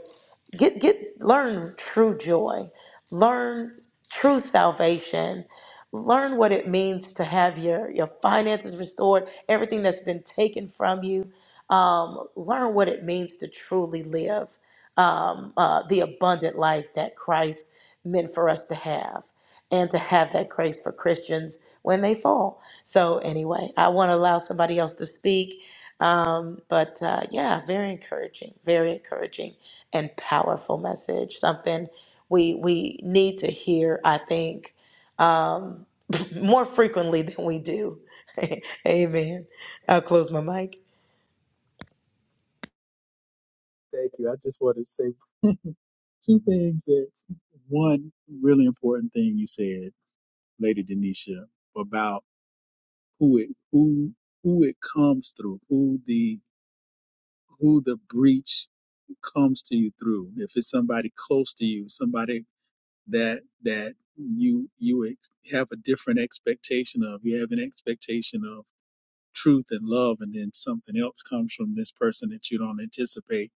[SPEAKER 3] get get learn true joy learn true salvation learn what it means to have your your finances restored everything that's been taken from you um, learn what it means to truly live um, uh, the abundant life that christ meant for us to have and to have that grace for christians when they fall so anyway i want to allow somebody else to speak um, but uh, yeah, very encouraging, very encouraging and powerful message. Something we we need to hear, I think, um, more frequently than we do. Amen. I'll close my mic.
[SPEAKER 4] Thank you. I just wanted to say two things that one really important thing you said, Lady Denisha, about who it who who it comes through, who the who the breach comes to you through. If it's somebody close to you, somebody that that you you ex- have a different expectation of, you have an expectation of truth and love and then something else comes from this person that you don't anticipate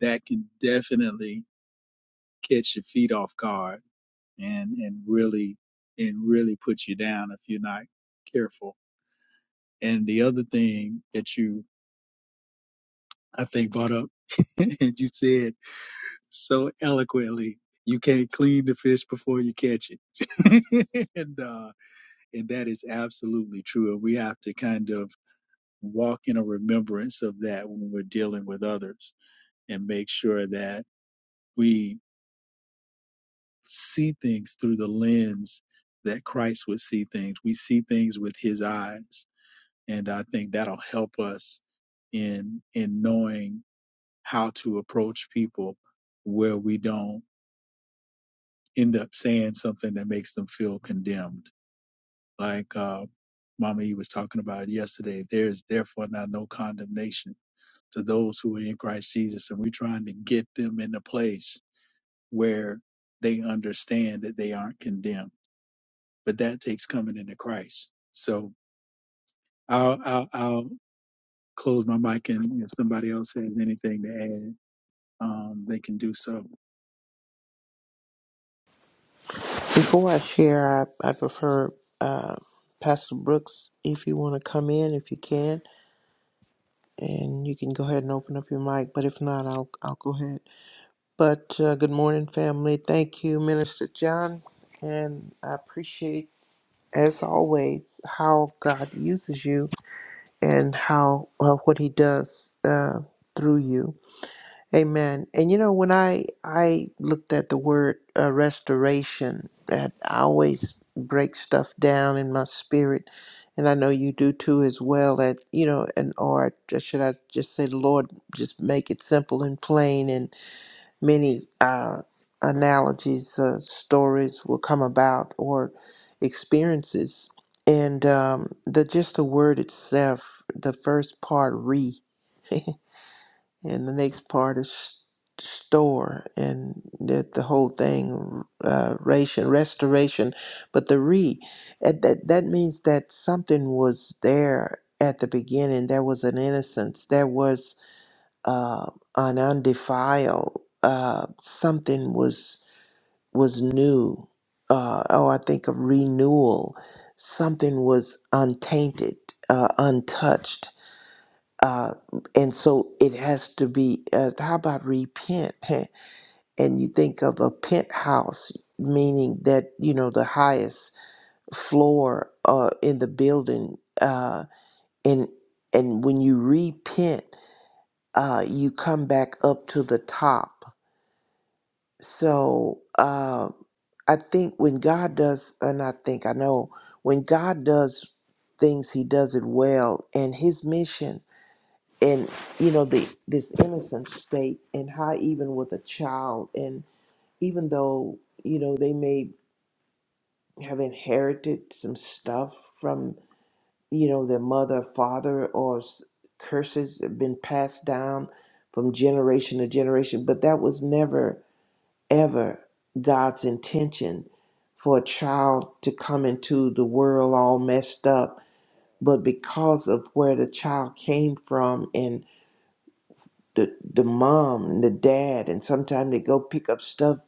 [SPEAKER 4] that can definitely catch your feet off guard and and really and really put you down if you're not careful and the other thing that you i think brought up and you said so eloquently you can't clean the fish before you catch it and uh and that is absolutely true and we have to kind of walk in a remembrance of that when we're dealing with others and make sure that we see things through the lens that Christ would see things. We see things with his eyes. And I think that'll help us in in knowing how to approach people where we don't end up saying something that makes them feel condemned. Like uh Mama E was talking about yesterday, there's therefore now no condemnation to those who are in Christ Jesus. And we're trying to get them in the place where they understand that they aren't condemned. But that takes coming into Christ. So I'll I'll, I'll close my mic, and if somebody else has anything to add, um, they can do so.
[SPEAKER 6] Before I share, I, I prefer uh, Pastor Brooks if you want to come in, if you can, and you can go ahead and open up your mic. But if not, I'll, I'll go ahead. But uh, good morning, family. Thank you, Minister John. And I appreciate, as always, how God uses you and how uh, what He does uh, through you. Amen. And you know, when I I looked at the word uh, restoration, that I always break stuff down in my spirit, and I know you do too as well. That you know, and or just- should I just say, Lord, just make it simple and plain, and many uh, analogies, uh, stories will come about or experiences, and um, the just the word itself, the first part, re. and the next part is store and that the whole thing uh, ration restoration but the re at that that means that something was there at the beginning there was an innocence there was uh, an undefiled uh, something was was new uh, oh i think of renewal something was untainted uh, untouched uh, and so it has to be uh, how about repent and you think of a penthouse meaning that you know the highest floor uh, in the building uh, and and when you repent uh, you come back up to the top so uh, i think when god does and i think i know when god does things he does it well and his mission and you know the this innocent state and how even with a child and even though you know they may have inherited some stuff from you know their mother father or s- curses have been passed down from generation to generation but that was never ever god's intention for a child to come into the world all messed up but because of where the child came from the the mom and the dad, and sometimes they go pick up stuff,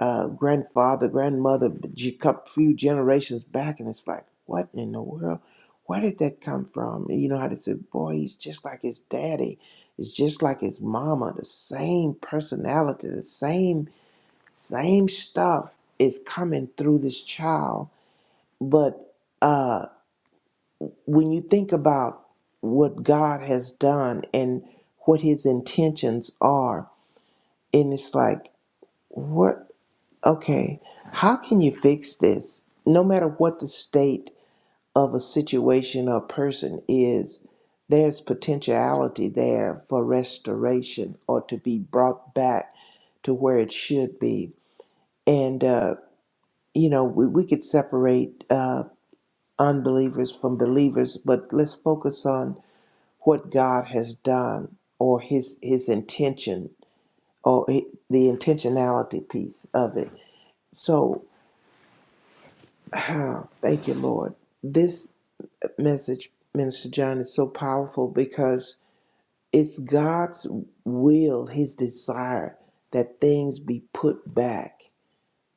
[SPEAKER 6] uh, grandfather, grandmother, a couple few generations back, and it's like, what in the world? Where did that come from? And you know how they say, boy, he's just like his daddy, it's just like his mama, the same personality, the same same stuff is coming through this child. But uh, when you think about what God has done and what His intentions are and it's like what okay how can you fix this no matter what the state of a situation or person is there's potentiality there for restoration or to be brought back to where it should be and uh, you know we, we could separate uh, unbelievers from believers but let's focus on what god has done or his his intention or hi- the intentionality piece of it So, ah, thank you, Lord. This message, Minister John, is so powerful because it's God's will, His desire that things be put back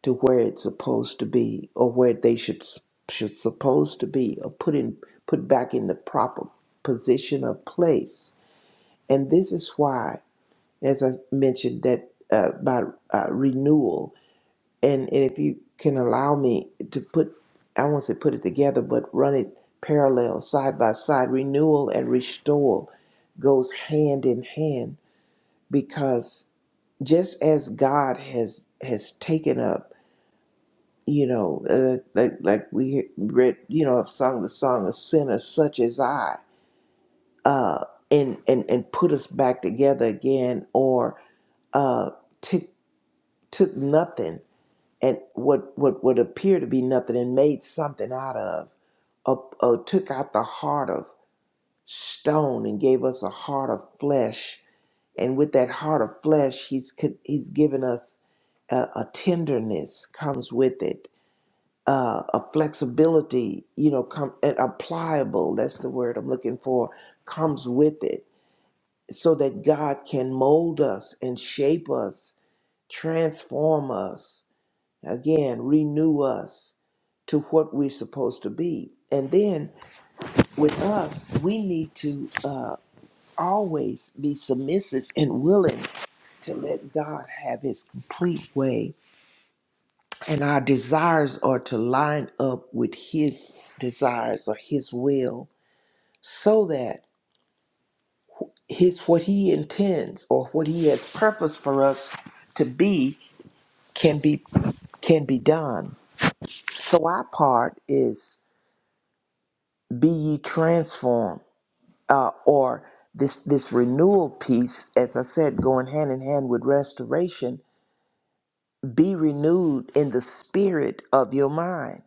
[SPEAKER 6] to where it's supposed to be, or where they should should supposed to be, or put in put back in the proper position or place. And this is why, as I mentioned, that uh, about uh, renewal and, and if you can allow me to put i won't say put it together but run it parallel side by side renewal and restore goes hand in hand because just as god has has taken up you know uh, like like we read you know i've sung the song of sinners such as i uh and and and put us back together again or uh took took nothing and what what would appear to be nothing and made something out of uh, uh, took out the heart of stone and gave us a heart of flesh and with that heart of flesh he's co- he's given us a, a tenderness comes with it uh, a flexibility you know come and a pliable that's the word i'm looking for comes with it so that god can mold us and shape us transform us again renew us to what we're supposed to be. And then with us, we need to uh, always be submissive and willing to let God have his complete way. And our desires are to line up with his desires or his will so that his what he intends or what he has purpose for us to be can be can be done. So our part is be ye transformed uh, or this this renewal piece, as I said, going hand in hand with restoration, be renewed in the spirit of your mind.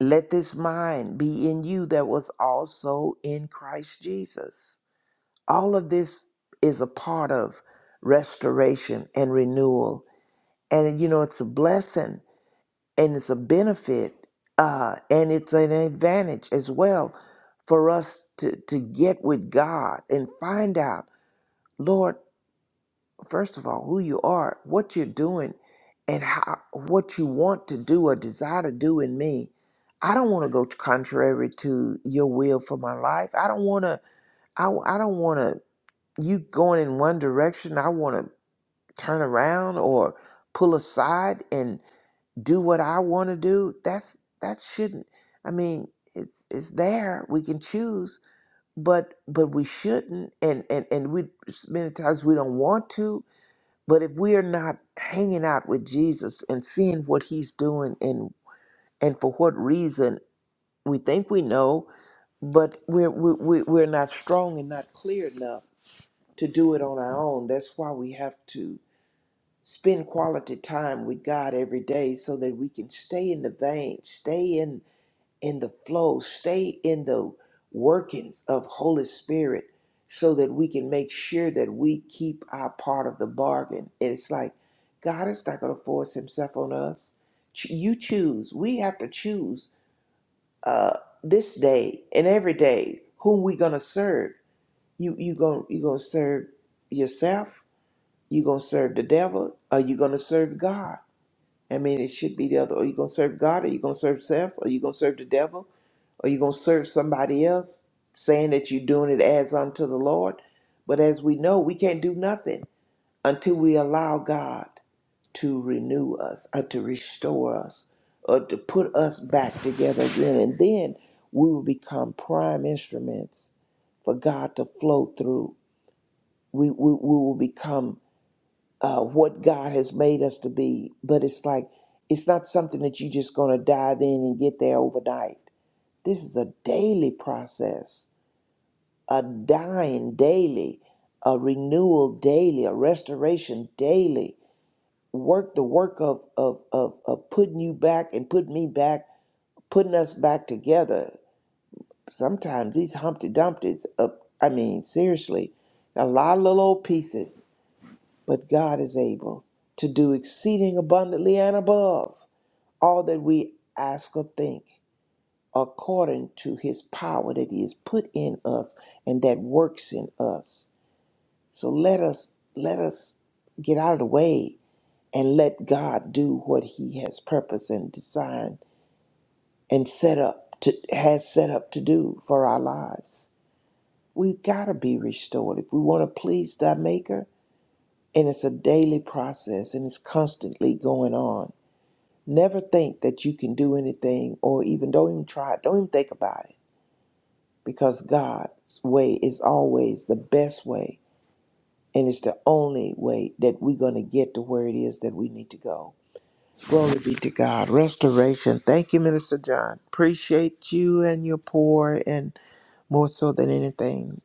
[SPEAKER 6] Let this mind be in you that was also in Christ Jesus. All of this is a part of restoration and renewal. And you know, it's a blessing and it's a benefit uh, and it's an advantage as well for us to, to get with God and find out, Lord, first of all, who you are, what you're doing, and how what you want to do or desire to do in me. I don't want to go contrary to your will for my life. I don't want to. I, I don't want to. You going in one direction. I want to turn around or pull aside and do what I want to do. That's that shouldn't. I mean, it's it's there. We can choose, but but we shouldn't. And and and we many times we don't want to but if we are not hanging out with Jesus and seeing what he's doing and and for what reason we think we know, but we're we're, we're we're not strong and not clear enough to do it on our own. That's why we have to spend quality time with God every day so that we can stay in the vein, stay in in the flow, stay in the workings of Holy Spirit so that we can make sure that we keep our part of the bargain. And it's like God is not going to force himself on us. Ch- You choose. We have to choose uh, this day and every day whom we're going to serve. You you going you going to serve yourself? You going to serve the devil? Or you going to serve God? I mean, it should be the other. Are you going to serve God? Are you going to serve self? Are you going to serve the devil? Are you going to serve somebody else saying that you're doing it as unto the Lord. But as we know, we can't do nothing until we allow God to renew us or to restore us or to put us back together again. And then we will become prime instruments for God to flow through. We, we, we will become uh, what God has made us to be. But it's like, it's not something that you're just going to dive in and get there overnight this is a daily process, a dying daily, a renewal daily, a restoration daily. Work the work of, of, of, of putting you back and putting me back, putting us back together. Sometimes these Humpty Dumptys, uh, I mean, seriously, a lot of little old pieces, but God is able to do exceeding abundantly and above all that we ask or think. according to his power that he has put in us and that works in us. So let us let us get out of the way and let God do what he has purpose and designed and set up to has set up to do for our lives. We've got to be restored if we want to please thy maker and it's a daily process and it's constantly going on. Never think that you can do anything or even don't even try it. Don't even think about it because God's way is always the best way, and it's the only way that we're going to get to where it is that we need to go. Glory be to God. Restoration. Thank you, Minister John. Appreciate you and your poor, and more so than anything,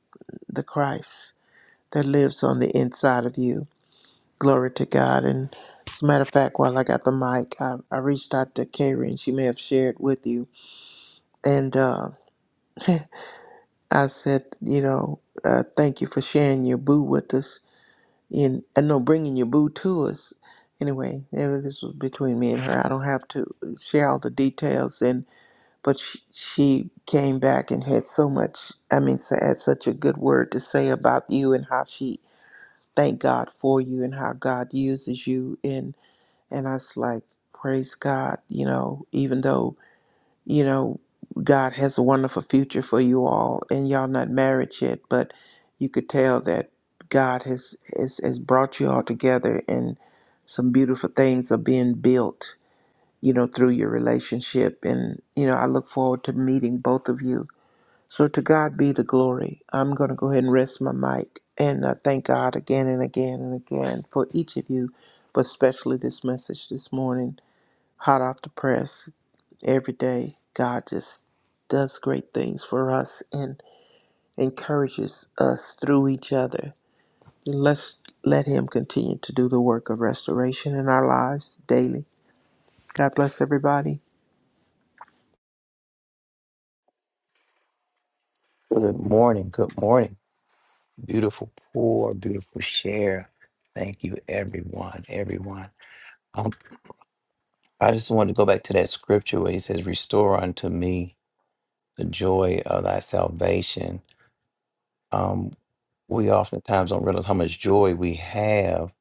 [SPEAKER 6] the Christ that lives on the inside of you. Glory to God. And as a matter of fact, while I got the mic, I, I reached out to Karen. and she may have shared with you. And uh, I said, you know, uh, thank you for sharing your boo with us and uh, no bringing your boo to us anyway eh, this was between me and her i don't have to share all the details and but she, she came back and had so much i mean so, had such a good word to say about you and how she thank god for you and how god uses you and and i was like praise god you know even though you know, God has a wonderful future for you all, and y'all not married yet, but you could tell that God has has, has brought you all together, and some beautiful things are being built, you know, through your relationship. And you know, I look forward to meeting both of you. So to God be the glory. I'm going to go ahead and rest my mic, and uh, thank God again and again and again for each of you, but especially this message this morning, hot off the press every day god just does great things for us and encourages us through each other let's let him continue to do the work of restoration in our lives daily god bless everybody
[SPEAKER 5] Good morning. Good morning. Beautiful pour, beautiful share. Thank you, everyone. Everyone. Um, I just wanted to go back to that scripture where he says, Restore unto me the joy of thy salvation. Um, we oftentimes don't realize how much joy we have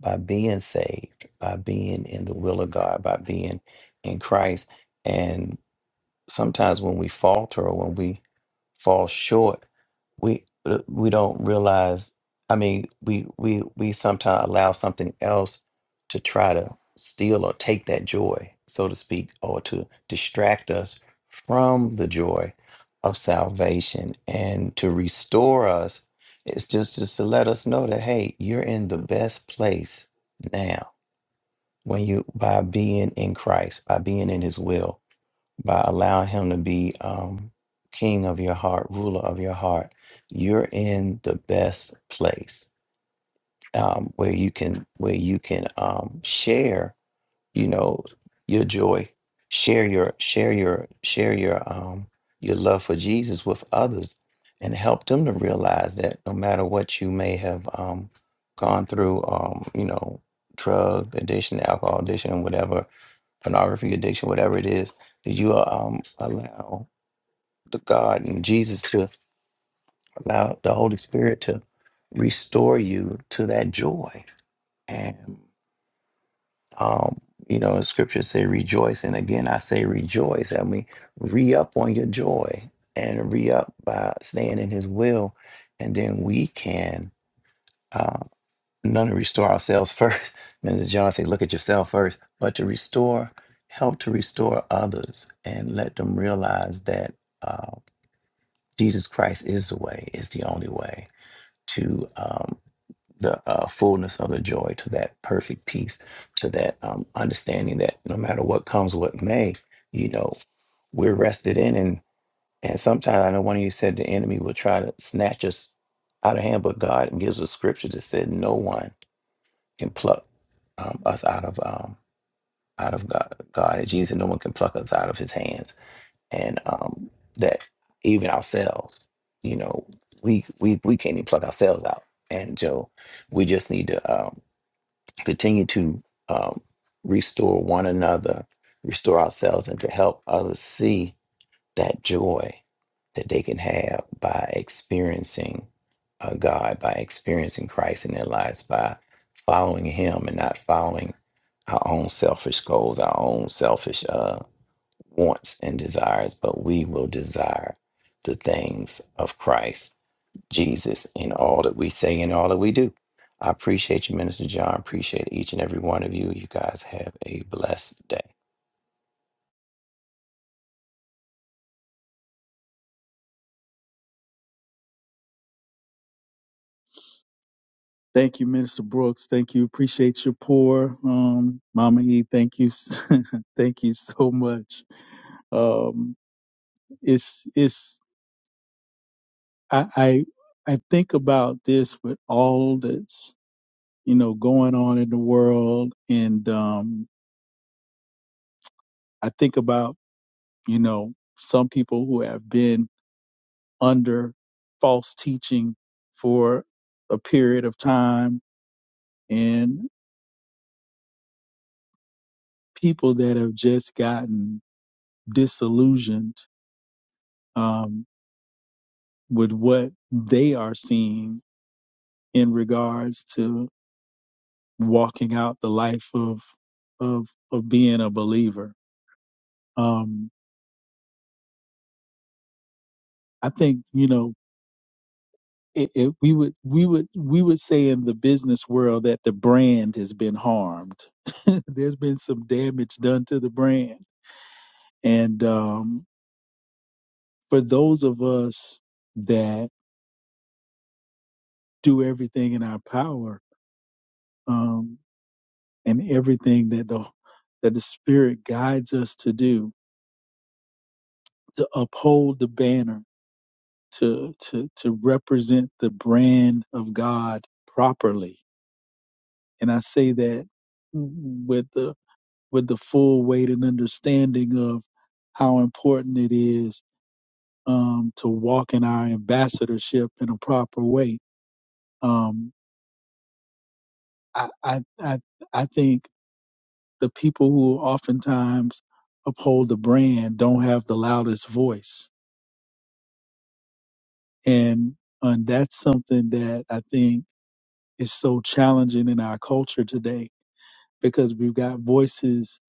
[SPEAKER 5] by being saved, by being in the will of God, by being in Christ. And sometimes when we falter or when we fall short we uh, we don't realize i mean we we we sometimes allow something else to try to steal or take that joy so to speak or to distract us from the joy of salvation and to restore us it's just just to let us know that hey you're in the best place now when you by being in christ by being in his will by allowing him to be um, king of your heart, ruler of your heart, you're in the best place um, where you can where you can um, share, you know, your joy, share your share your share your um, your love for Jesus with others, and help them to realize that no matter what you may have um, gone through, um, you know, drug addiction, alcohol addiction, whatever pornography addiction, whatever it is, that you uh, um, allow the God and Jesus to allow the Holy Spirit to restore you to that joy. And, um, you know, scripture say rejoice. And again, I say rejoice. I mean, re up on your joy and re up by staying in his will. And then we can. um, none to restore ourselves first. Mrs. John said, look at yourself first, but to restore, help to restore others and let them realize that uh, Jesus Christ is the way, is the only way to um, the uh, fullness of the joy, to that perfect peace, to that um, understanding that no matter what comes, what may, you know, we're rested in. And, and sometimes I know one of you said the enemy will try to snatch us out of hand, but God gives us scripture that said, no one can pluck um, us out of um, out of God, God and Jesus. No one can pluck us out of His hands, and um, that even ourselves, you know, we we we can't even pluck ourselves out. And so we just need to um, continue to um, restore one another, restore ourselves, and to help others see that joy that they can have by experiencing uh, God, by experiencing Christ in their lives, by following Him and not following our own selfish goals, our own selfish uh, wants and desires, but we will desire the things of Christ Jesus in all that we say and all that we do. I appreciate you, Minister John. Appreciate each and every one of you. You guys have a blessed day.
[SPEAKER 4] Thank you, Minister Brooks. Thank you. Appreciate your pour, um, Mama E. Thank you, thank you so much. Um, it's it's I, I I think about this with all that's you know going on in the world, and um, I think about you know, some people who have been under false teaching for a period of time and people that have just gotten disillusioned um, with what they are seeing in regards to walking out the life of of of being a believer. Um, I think you know it, it, we would we would we would say in the business world that the brand has been harmed. There's been some damage done to the brand, and um, for those of us that do everything in our power um, and everything that the that the Spirit guides us to do to uphold the banner, to to to represent the brand of God properly, and I say that with the with the full weight and understanding of how important it is um, to walk in our ambassadorship in a proper way. Um, I, I, I, I think the people who oftentimes uphold the brand don't have the loudest voice. And, and that's something that I think is so challenging in our culture today because we've got voices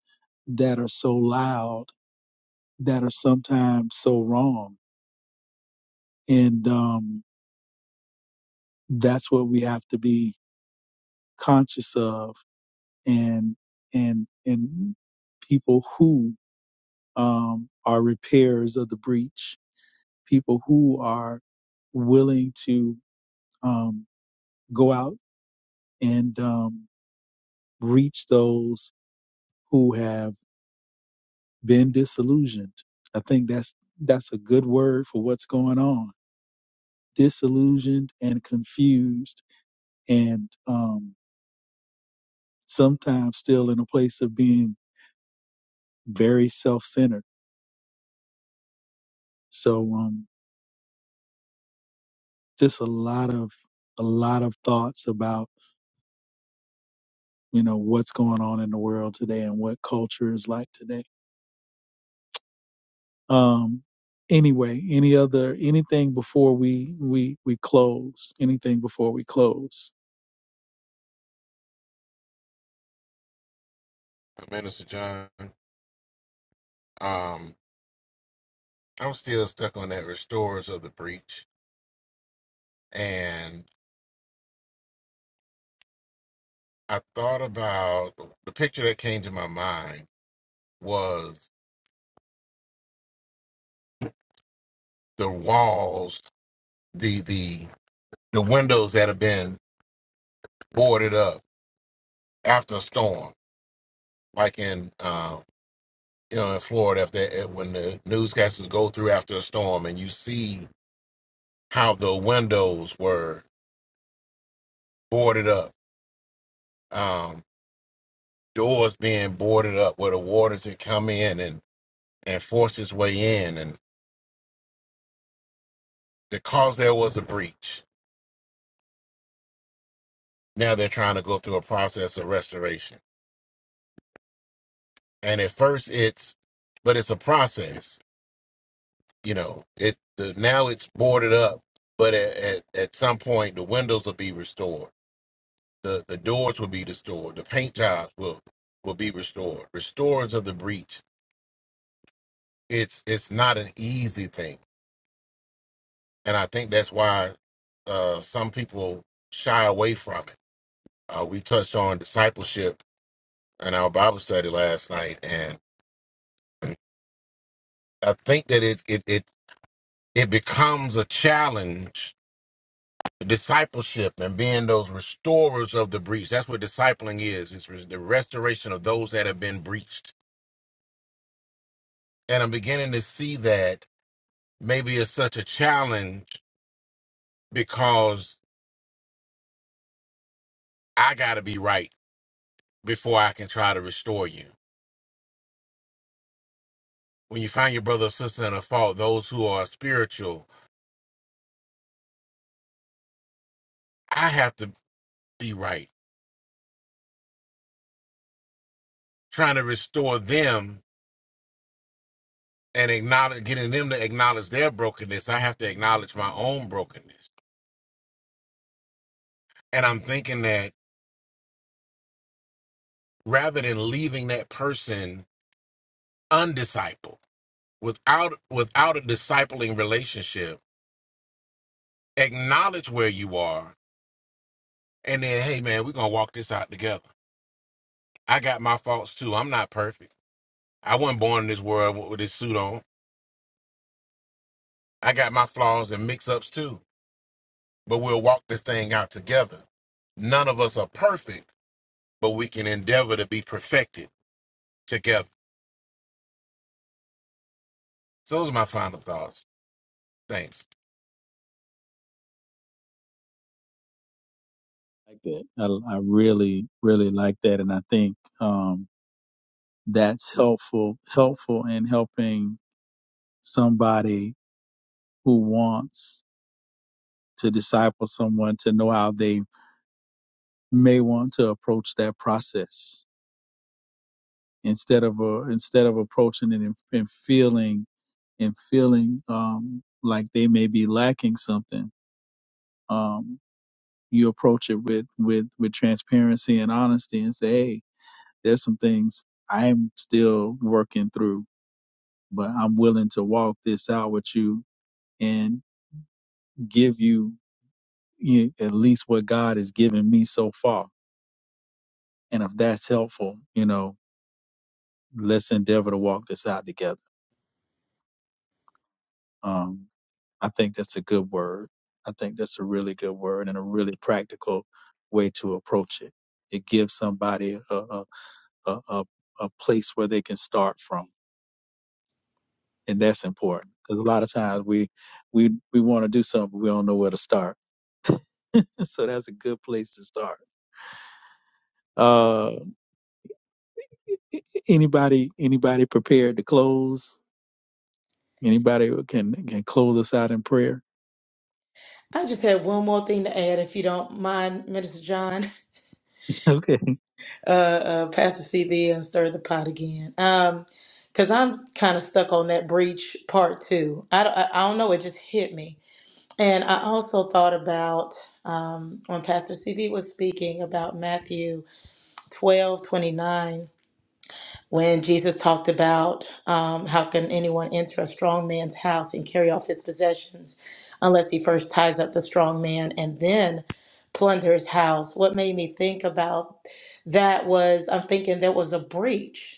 [SPEAKER 4] that are so loud that are sometimes so wrong. And, um, that's what we have to be conscious of and and and people who um, are repairers of the breach people who are willing to um, go out and um, reach those who have been disillusioned i think that's that's a good word for what's going on disillusioned and confused and um, sometimes still in a place of being very self-centered So um, just a lot of a lot of thoughts about you know what's going on in the world today and what culture is like today. Um, anyway, any other anything before we we we close? Anything before we close?
[SPEAKER 2] Minister John, um, I'm still stuck on that restorers of the breach. And I thought about the picture that came to my mind was the walls, the the the windows that have been boarded up after a storm, like in uh, you know in Florida, if they if- when the newscasters go through after a storm and you see how the windows were boarded up, um, doors being boarded up where the waters had come in and and forced its way in, and because there was a breach, now they're trying to go through a process of restoration. And at first, it's but it's a process, you know. It the, now it's boarded up, but at, at at some point the windows will be restored The the doors will be restored. The paint jobs will will be restored. Restorers of the breach. It's it's not an easy thing, and I think that's why uh, some people shy away from it. Uh, we touched on discipleship in our Bible study last night, and I think that it it it it becomes a challenge. Discipleship and being those restorers of the breach. That's what discipling is. It's the restoration of those that have been breached and I'm beginning to see that maybe it's such a challenge because I got to be right before I can try to restore you. When you find your brother or sister in a fault, those who are spiritual, I have to be right. Trying to restore them and acknowledge, getting them to acknowledge their brokenness, I have to acknowledge my own brokenness. And I'm thinking that rather than leaving that person undiscipled, without without a discipling relationship, acknowledge where you are, and then, hey man, we're gonna walk this out together I got my faults too. I'm not perfect. I wasn't born in this world with with this suit on. I got my flaws and mix ups too. But we'll walk this thing out together. None of us are perfect, but we can endeavor to be perfected together. So those are my final thoughts. Thanks.
[SPEAKER 4] Like that, I, I really really like that, and I think um, that's helpful helpful in helping somebody who wants to disciple someone to know how they may want to approach that process instead of uh, instead of approaching it and, and feeling and feeling um, like they may be lacking something. Um, you approach it with with with transparency and honesty and say, hey, there's some things I'm still working through, but I'm willing to walk this out with you and give you you- know, at least what God has given me so far. And if that's helpful, you know, let's endeavor to walk this out together. Um, I think that's a good word. I think that's a really good word and a really practical way to approach it. It gives somebody a a a, a, a place where they can start from, and that's important because a lot of times we we we want to do something, but we don't know where to start. So that's a good place to start. Uh, anybody anybody prepared to close? Anybody who can can close us out in prayer?
[SPEAKER 3] I just had one more thing to add, if you don't mind, Minister John,
[SPEAKER 4] okay.
[SPEAKER 3] uh, uh, Pastor CV, and stir the pot again. Um, because I'm kind of stuck on that breach part too. I don't, I I don't know. It just hit me And I also thought about um, when Pastor CV was speaking about Matthew 12 29, when Jesus talked about um, how can anyone enter a strong man's house and carry off his possessions unless he first ties up the strong man and then plunder his house. What made me think about that was I'm thinking there was a breach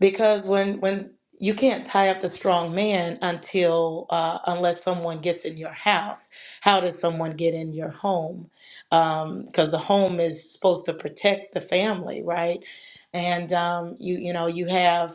[SPEAKER 3] because when when you can't tie up the strong man until uh, unless someone gets in your house how does someone get in your home because the home is supposed to protect the family right and um, you you know you have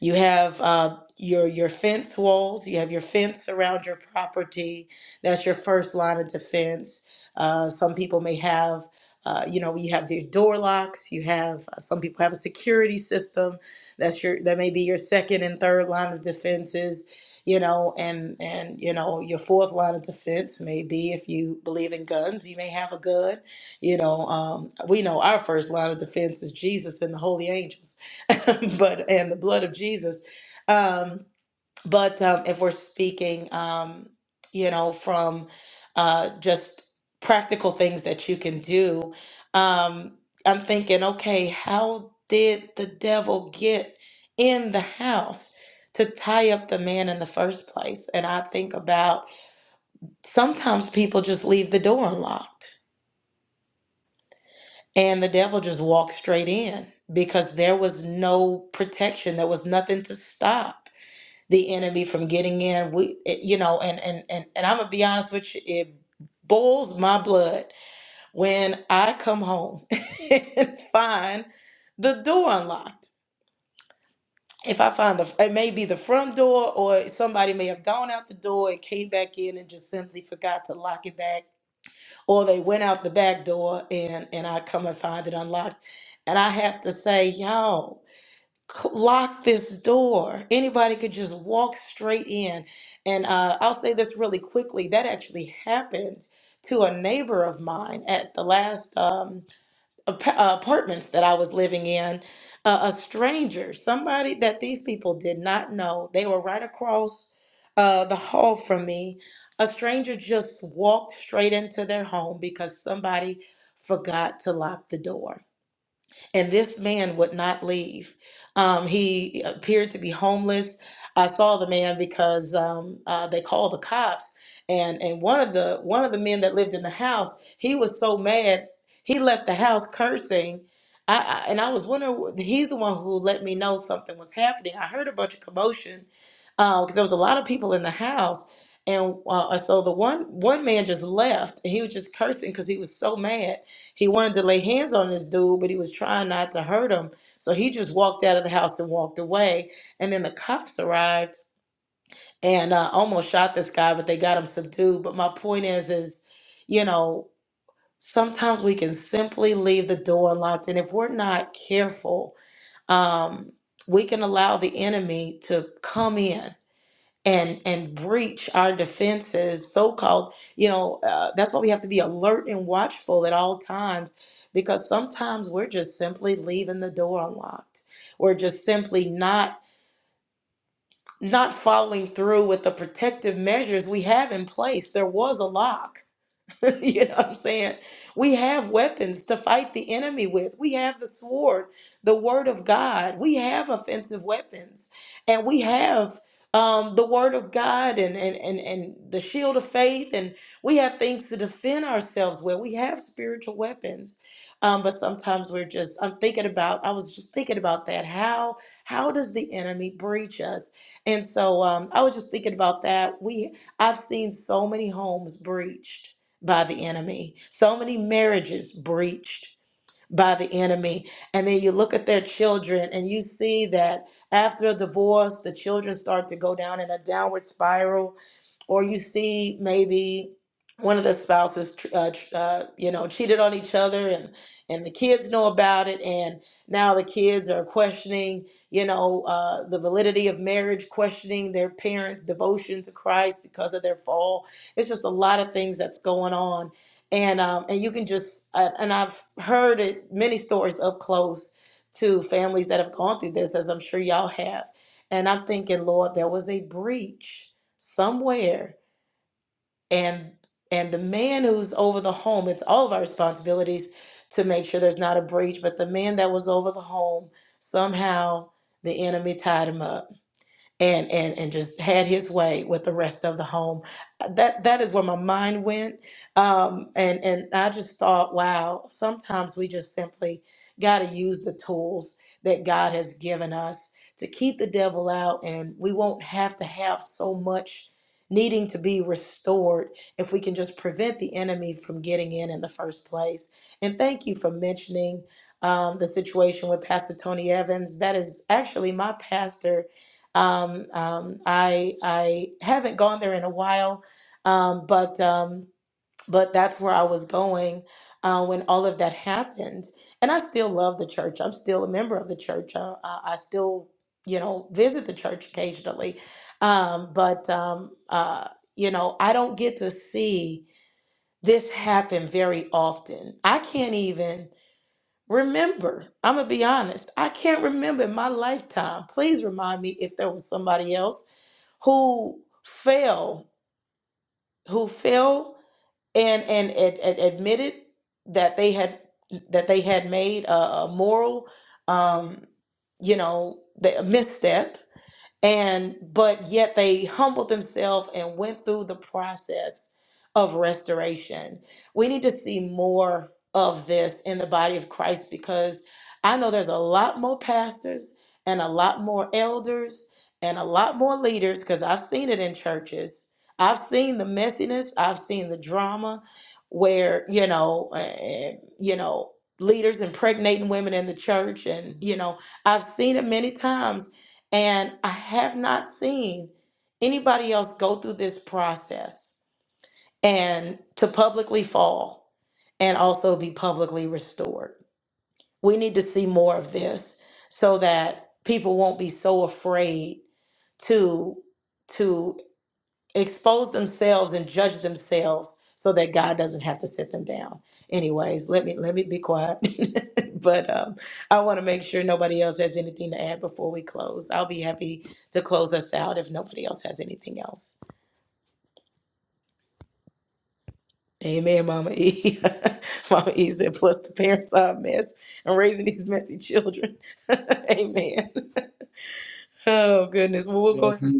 [SPEAKER 3] you have uh, your your fence walls. You have your fence around your property. That's your first line of defense. Uh, some people may have, uh, you know, you have your door locks. You have uh, some people have a security system. That's your that may be your second and third line of defenses. You know, and and you know your fourth line of defense may be if you believe in guns, you may have a gun. You know, um, we know our first line of defense is Jesus and the holy angels but and the blood of Jesus. Um, but um, if we're speaking, um, you know, from uh, just practical things that you can do, um, I'm thinking, okay, how did the devil get in the house to tie up the man in the first place? And I think about sometimes people just leave the door unlocked and the devil just walks straight in because there was no protection, there was nothing to stop the enemy from getting in. We, it, you know, and and and and I'm gonna be honest with you, it boils my blood when I come home and find the door unlocked. If I find the, it may be the front door, or somebody may have gone out the door and came back in and just simply forgot to lock it back, or they went out the back door and and I come and find it unlocked. And I have to say, y'all lock this door. Anybody could just walk straight in. And uh, I'll say this really quickly. That actually happened to a neighbor of mine at the last um, ap- uh, apartments that I was living in. Uh, a stranger, somebody that these people did not know. They were right across uh, the hall from me. A stranger just walked straight into their home because somebody forgot to lock the door and this man would not leave. Um, he appeared to be homeless. I saw the man because um, uh, they called the cops, and and one of the one of the men that lived in the house, he was so mad he left the house cursing. I, I and I was wondering he's the one who let me know something was happening. I heard a bunch of commotion because there was a lot of people in the house. And uh, so the one one man just left. And he was just cursing because he was so mad. He wanted to lay hands on this dude, but he was trying not to hurt him. So he just walked out of the house and walked away. And then the cops arrived and uh, almost shot this guy, but they got him subdued. But my point is, is you know, sometimes we can simply leave the door unlocked, and if we're not careful, um, we can allow the enemy to come in and and breach our defenses so-called you know uh, that's why we have to be alert and watchful at all times because sometimes we're just simply leaving the door unlocked we're just simply not not following through with the protective measures we have in place there was a lock you know what I'm saying? We have weapons to fight the enemy with. We have the sword, the word of God. We have offensive weapons. And we have um, the word of God and, and, and, and the shield of faith. And we have things to defend ourselves with. We have spiritual weapons. Um, but sometimes we're just, I'm thinking about, I was just thinking about that. How, how does the enemy breach us? And so um, I was just thinking about that. We, I've seen so many homes breached by the enemy, so many marriages breached, by the enemy. And then you look at their children and you see that after a divorce, the children start to go down in a downward spiral. Or you see maybe one of the spouses, uh, uh, you know, cheated on each other and, and the kids know about it. And now the kids are questioning, you know, uh, the validity of marriage, questioning their parents' devotion to Christ because of their fall. It's just a lot of things that's going on and um, and you can just uh, and I've heard it, many stories up close to families that have gone through this, as I'm sure y'all have. And I'm thinking, Lord, there was a breach somewhere, and and the man who's over the home, it's all of our responsibilities to make sure there's not a breach, but the man that was over the home somehow the enemy tied him up and and and just had his way with the rest of the home. Uh, That that is where my mind went, um, and and I just thought, wow, sometimes we just simply got to use the tools that God has given us to keep the devil out, and we won't have to have so much needing to be restored if we can just prevent the enemy from getting in in the first place. And thank you for mentioning um, the situation with Pastor Tony Evans. That is actually my pastor um, um, I I haven't gone there in a while, um, but um, but that's where I was going uh, when all of that happened. And I still love the church. I'm still a member of the church. Uh, I I still, you know, visit the church occasionally. Um, but um, uh, you know, I don't get to see this happen very often. I can't even remember. I'm gonna be honest. I can't remember in my lifetime. Please remind me if there was somebody else who fell who fell and and, ad ad- admitted that they had that they had made a, a moral um you know the a misstep and but yet they humbled themselves and went through the process of restoration we need to see more of this in the body of christ because i know there's a lot more pastors and a lot more elders and a lot more leaders because i've seen it in churches i've seen the messiness i've seen the drama where you know eh, eh, you know leaders impregnating women in the church and you know i've seen it many times and I have not seen anybody else go through this process and to publicly fall and also be publicly restored. We need to see more of this so that people won't be so afraid to to expose themselves and judge themselves so that God doesn't have to sit them down. Anyways, let me let me be quiet. but um, I want to make sure nobody else has anything to add before we close. I'll be happy to close us out if nobody else has anything else. Amen, Mama E. Mama E said, plus the parents are a mess and raising these messy children. Amen. Oh, goodness. Well, we'll go ahead.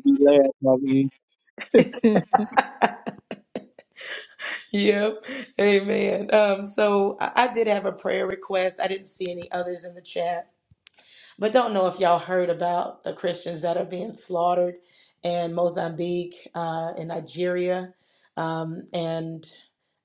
[SPEAKER 3] Yep. Amen. Um, so I, I did have a prayer request. I didn't see any others in the chat. But don't know if y'all heard about the Christians that are being slaughtered in Mozambique, uh, in Nigeria. Um, and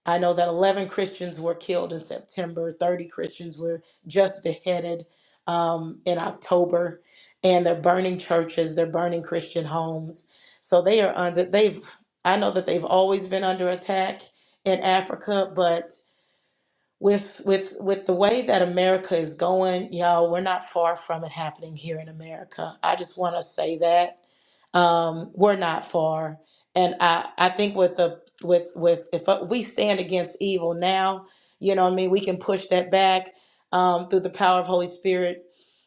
[SPEAKER 3] I know that 11 Christians were killed in September, 30 Christians were just beheaded um, in October, and they're burning churches, they're burning Christian homes. So they are under, they've, I know that they've always been under attack in Africa, but with with with the way that America is going, y'all, we're not far from it happening here in America. I just want to say that um, we're not far, and I I think with the with with if uh, we stand against evil now, you know, what I mean, we can push that back um, through the power of Holy Spirit.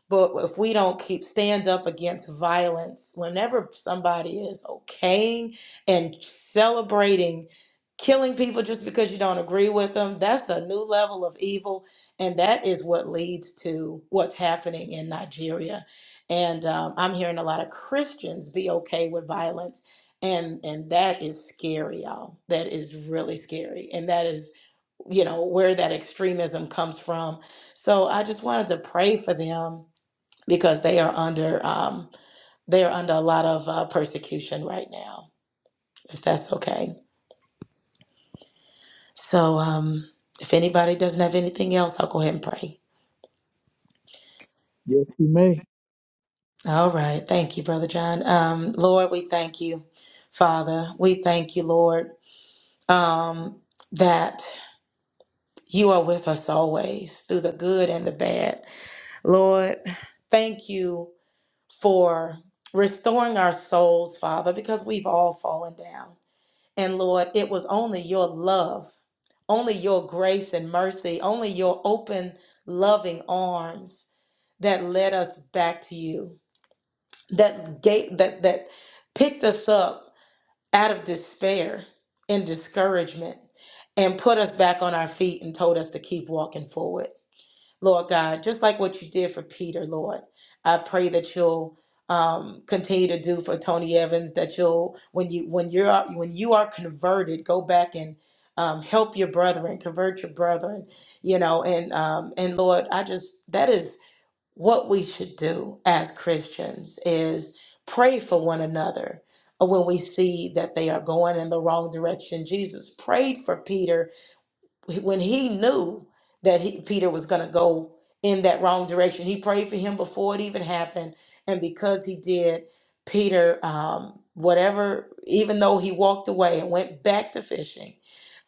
[SPEAKER 3] But if we don't keep stand up against violence, whenever somebody is okaying and celebrating killing people just because you don't agree with them that's a new level of evil and that is what leads to what's happening in nigeria and um, i'm hearing a lot of christians be okay with violence and and that is scary y'all that is really scary and that is you know where that extremism comes from so i just wanted to pray for them because they are under um, they are under a lot of uh, persecution right now if that's okay So, um, if anybody doesn't have anything else, I'll go ahead and pray.
[SPEAKER 4] yes, you may.
[SPEAKER 3] All right. Thank you, Brother John. Um, Lord, we thank you, Father. We thank you, Lord, um, that you are with us always through the good and the bad. Lord, thank you for restoring our souls, Father, because we've all fallen down. And Lord, it was only your love, only your grace and mercy, only your open, loving arms that led us back to you, that gate that that picked us up out of despair and discouragement and put us back on our feet and told us to keep walking forward. Lord God, just like what you did for Peter, Lord. I pray that you'll um, continue to do for Tony Evans. That you'll when you when you're when you are converted, go back and um, help your brethren, convert your brethren. You know, and um, and Lord, I just that is what we should do as Christians is pray for one another when we see that they are going in the wrong direction. Jesus prayed for Peter when he knew that he, Peter was going to go in that wrong direction, he prayed for him before it even happened. And because he did, Peter, um, whatever, even though he walked away and went back to fishing,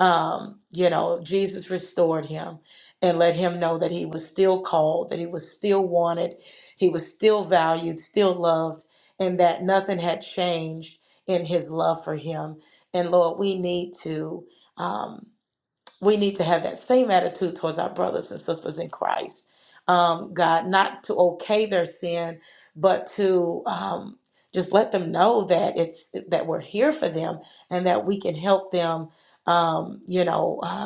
[SPEAKER 3] um, you know, Jesus restored him and let him know that he was still called, that he was still wanted, he was still valued, still loved, and that nothing had changed in his love for him. And Lord, we need to. Um, we need to have that same attitude towards our brothers and sisters in Christ. Um, God, not to okay their sin, but to um, just let them know that it's that we're here for them and that we can help them. Um, you know, uh,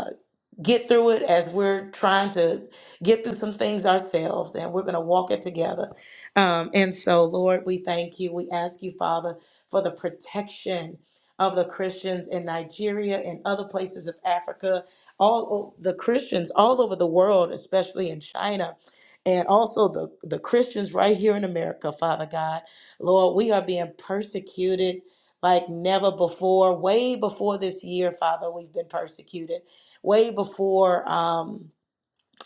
[SPEAKER 3] get through it as we're trying to get through some things ourselves and we're going to walk it together. Um, and so, Lord, we thank you. We ask you, Father, for the protection of the Christians in Nigeria and other places of Africa, all o- the Christians all over the world, especially in China. And also the, the Christians right here in America, Father God. Lord, we are being persecuted like never before, way before this year, Father, we've been persecuted way before um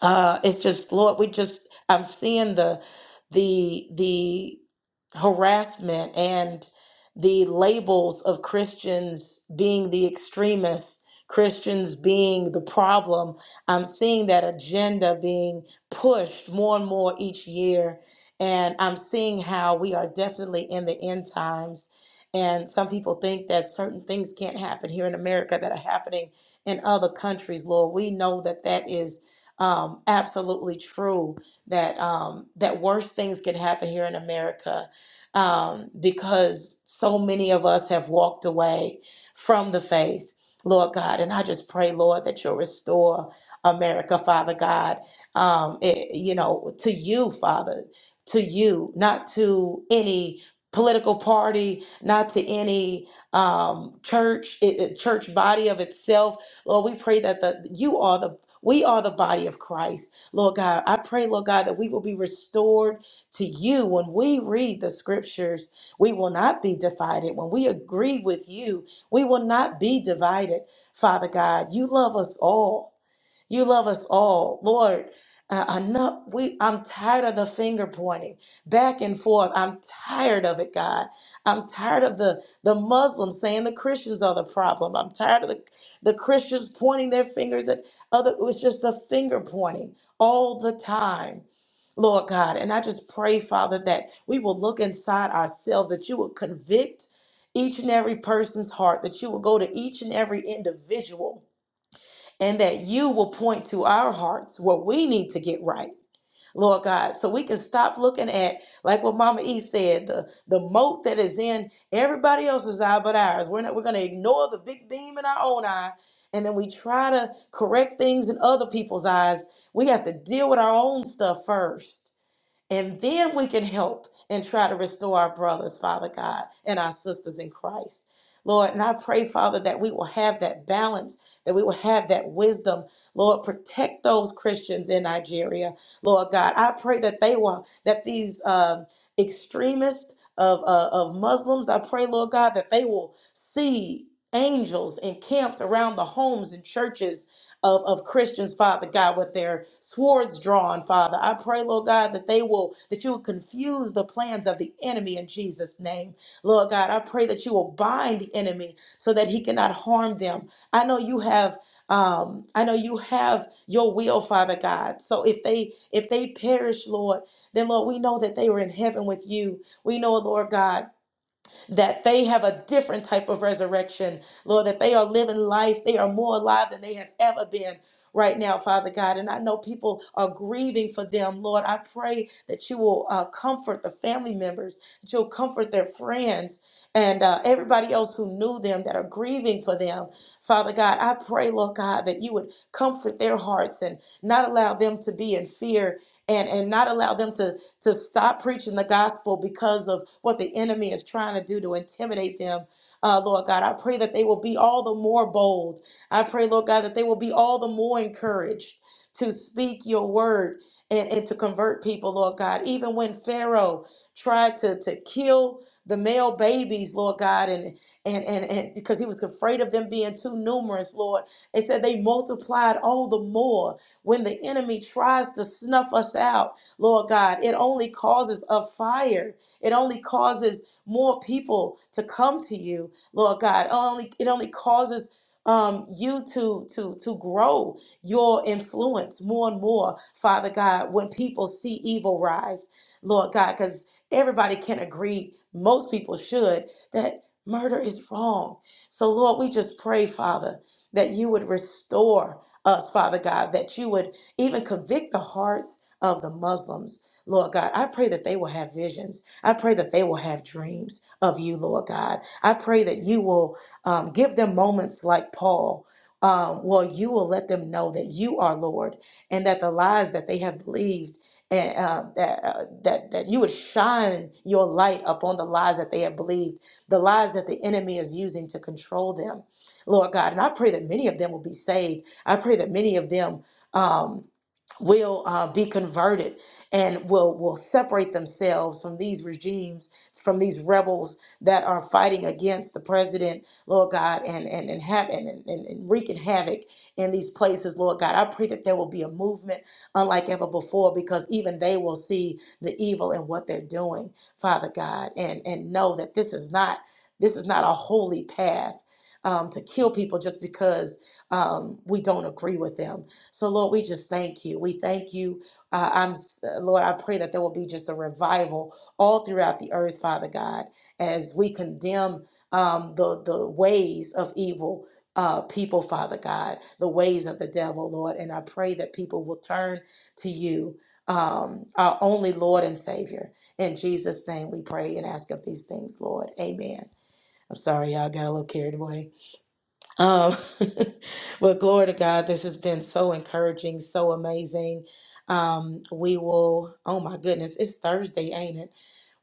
[SPEAKER 3] uh it's just Lord, we just I'm seeing the the the harassment and the labels of Christians being the extremists, Christians being the problem. I'm seeing that agenda being pushed more and more each year. And I'm seeing how we are definitely in the end times. And some people think that certain things can't happen here in America that are happening in other countries, Lord. We know that that is um, absolutely true. That um, that worse things can happen here in America um, because so many of us have walked away from the faith, Lord God. And I just pray, Lord, that you'll restore America, Father God, um, it- you know, to you, Father, to you, not to any political party, not to any um, church, it, it- church body of itself. Lord, we pray that the you are the we are the body of Christ, Lord God. I pray, Lord God, that we will be restored to you. When we read the scriptures, we will not be divided. When we agree with you, we will not be divided. Father God, you love us all. You love us all, Lord. Uh, enough. We. I'm tired of the finger pointing back and forth. I'm tired of it, God. I'm tired of the the Muslims saying the Christians are the problem. I'm tired of the the Christians pointing their fingers at other. It was just a finger pointing all the time. Lord God, and I just pray, Father, that we will look inside ourselves, that you will convict each and every person's heart, that you will go to each and every individual and that you will point to our hearts what we need to get right, Lord God, so we can stop looking at, like what Mama E said, the, the moat that is in everybody else's eye but ours. We're, not, we're going to ignore the big beam in our own eye, and then we try to correct things in other people's eyes. We have to deal with our own stuff first. And then we can help and try to restore our brothers, Father God, and our sisters in Christ. Lord, and I pray, Father, that we will have that balance, that we will have that wisdom. Lord, protect those Christians in Nigeria, Lord God. I pray that they will, that these um, extremists of, uh, of Muslims, I pray, Lord God, that they will see angels encamped around the homes and churches of, of Christians, Father God, with their swords drawn, Father. I pray, Lord God, that they will, that you will confuse the plans of the enemy in Jesus' name. Lord God, I pray that you will bind the enemy so that he cannot harm them. I know you have um i know you have your will father god so if they if they perish lord then lord we know that they were in heaven with you we know lord god that they have a different type of resurrection, Lord, that they are living life. They are more alive than they have ever been right now, Father God. And I know people are grieving for them, Lord. I pray that you will uh, comfort the family members, that you'll comfort their friends. And uh, everybody else who knew them that are grieving for them, Father God, I pray, Lord God, that you would comfort their hearts and not allow them to be in fear and, and not allow them to to stop preaching the gospel because of what the enemy is trying to do to intimidate them. Uh, Lord God, I pray that they will be all the more bold. I pray, Lord God, that they will be all the more encouraged to speak your word and, and to convert people, Lord God. Even when Pharaoh tried to, to kill the male babies, Lord God, and, and, and, and because he was afraid of them being too numerous, Lord, it said they multiplied all the more when the enemy tries to snuff us out. Lord God. It only causes a fire. It only causes more people to come to you, Lord God. Only it only causes um, you to to to grow your influence more and more, Father God, when people see evil rise, Lord God, because everybody can agree, most people should, that murder is wrong. So, Lord, we just pray, Father, that you would restore us, Father God, that you would even convict the hearts of the Muslims, Lord God. I pray that they will have visions. I pray that they will have dreams of you, Lord God. I pray that you will um, give them moments like Paul. Um, well, you will let them know that you are Lord, and that the lies that they have believed and uh, that uh, that that you would shine your light upon the lies that they have believed, the lies that the enemy is using to control them, Lord God. And I pray that many of them will be saved. I pray that many of them. Um, will uh, be converted and will will separate themselves from these regimes from these rebels that are fighting against the president lord god and and and have and, and, and wreaking havoc in these places lord god i pray that there will be a movement unlike ever before because even they will see the evil in what they're doing father god and and know that this is not this is not a holy path um, to kill people just because um, we don't agree with them so, Lord, we just thank you. We thank you. Uh, I'm Lord. I pray that there will be just a revival all throughout the earth, Father God, as we condemn um, the the ways of evil. Uh, people, Father God, the ways of the devil, Lord. And I pray that people will turn to you, um, our only Lord and Savior. In Jesus' name we pray and ask of these things, Lord. Amen. I'm sorry, y'all got a little carried away. Um, well, glory to God. This has been so encouraging, so amazing. Um, we will, oh my goodness, it's Thursday, ain't it?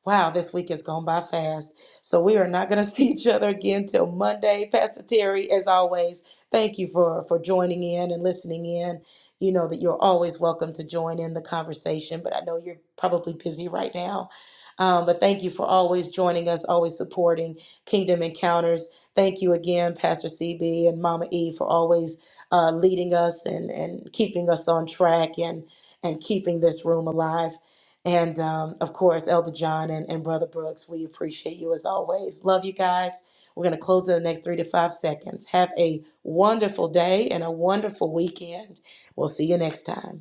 [SPEAKER 3] Wow, this week has gone by fast. So we are not going to see each other again till Monday. Pastor Terry, as always, thank you for for joining in and listening in. You know that you're always welcome to join in the conversation, but I know you're probably busy right now. Um, but thank you for always joining us, always supporting Kingdom Encounters. Thank you again, Pastor CB and Mama E, for always uh, leading us and and keeping us on track and and keeping this room alive. And um, of course, Elder John and, and Brother Brooks, we appreciate you as always. Love you guys. We're going to close in the next three to five seconds. Have a wonderful day and a wonderful weekend. We'll see you next time.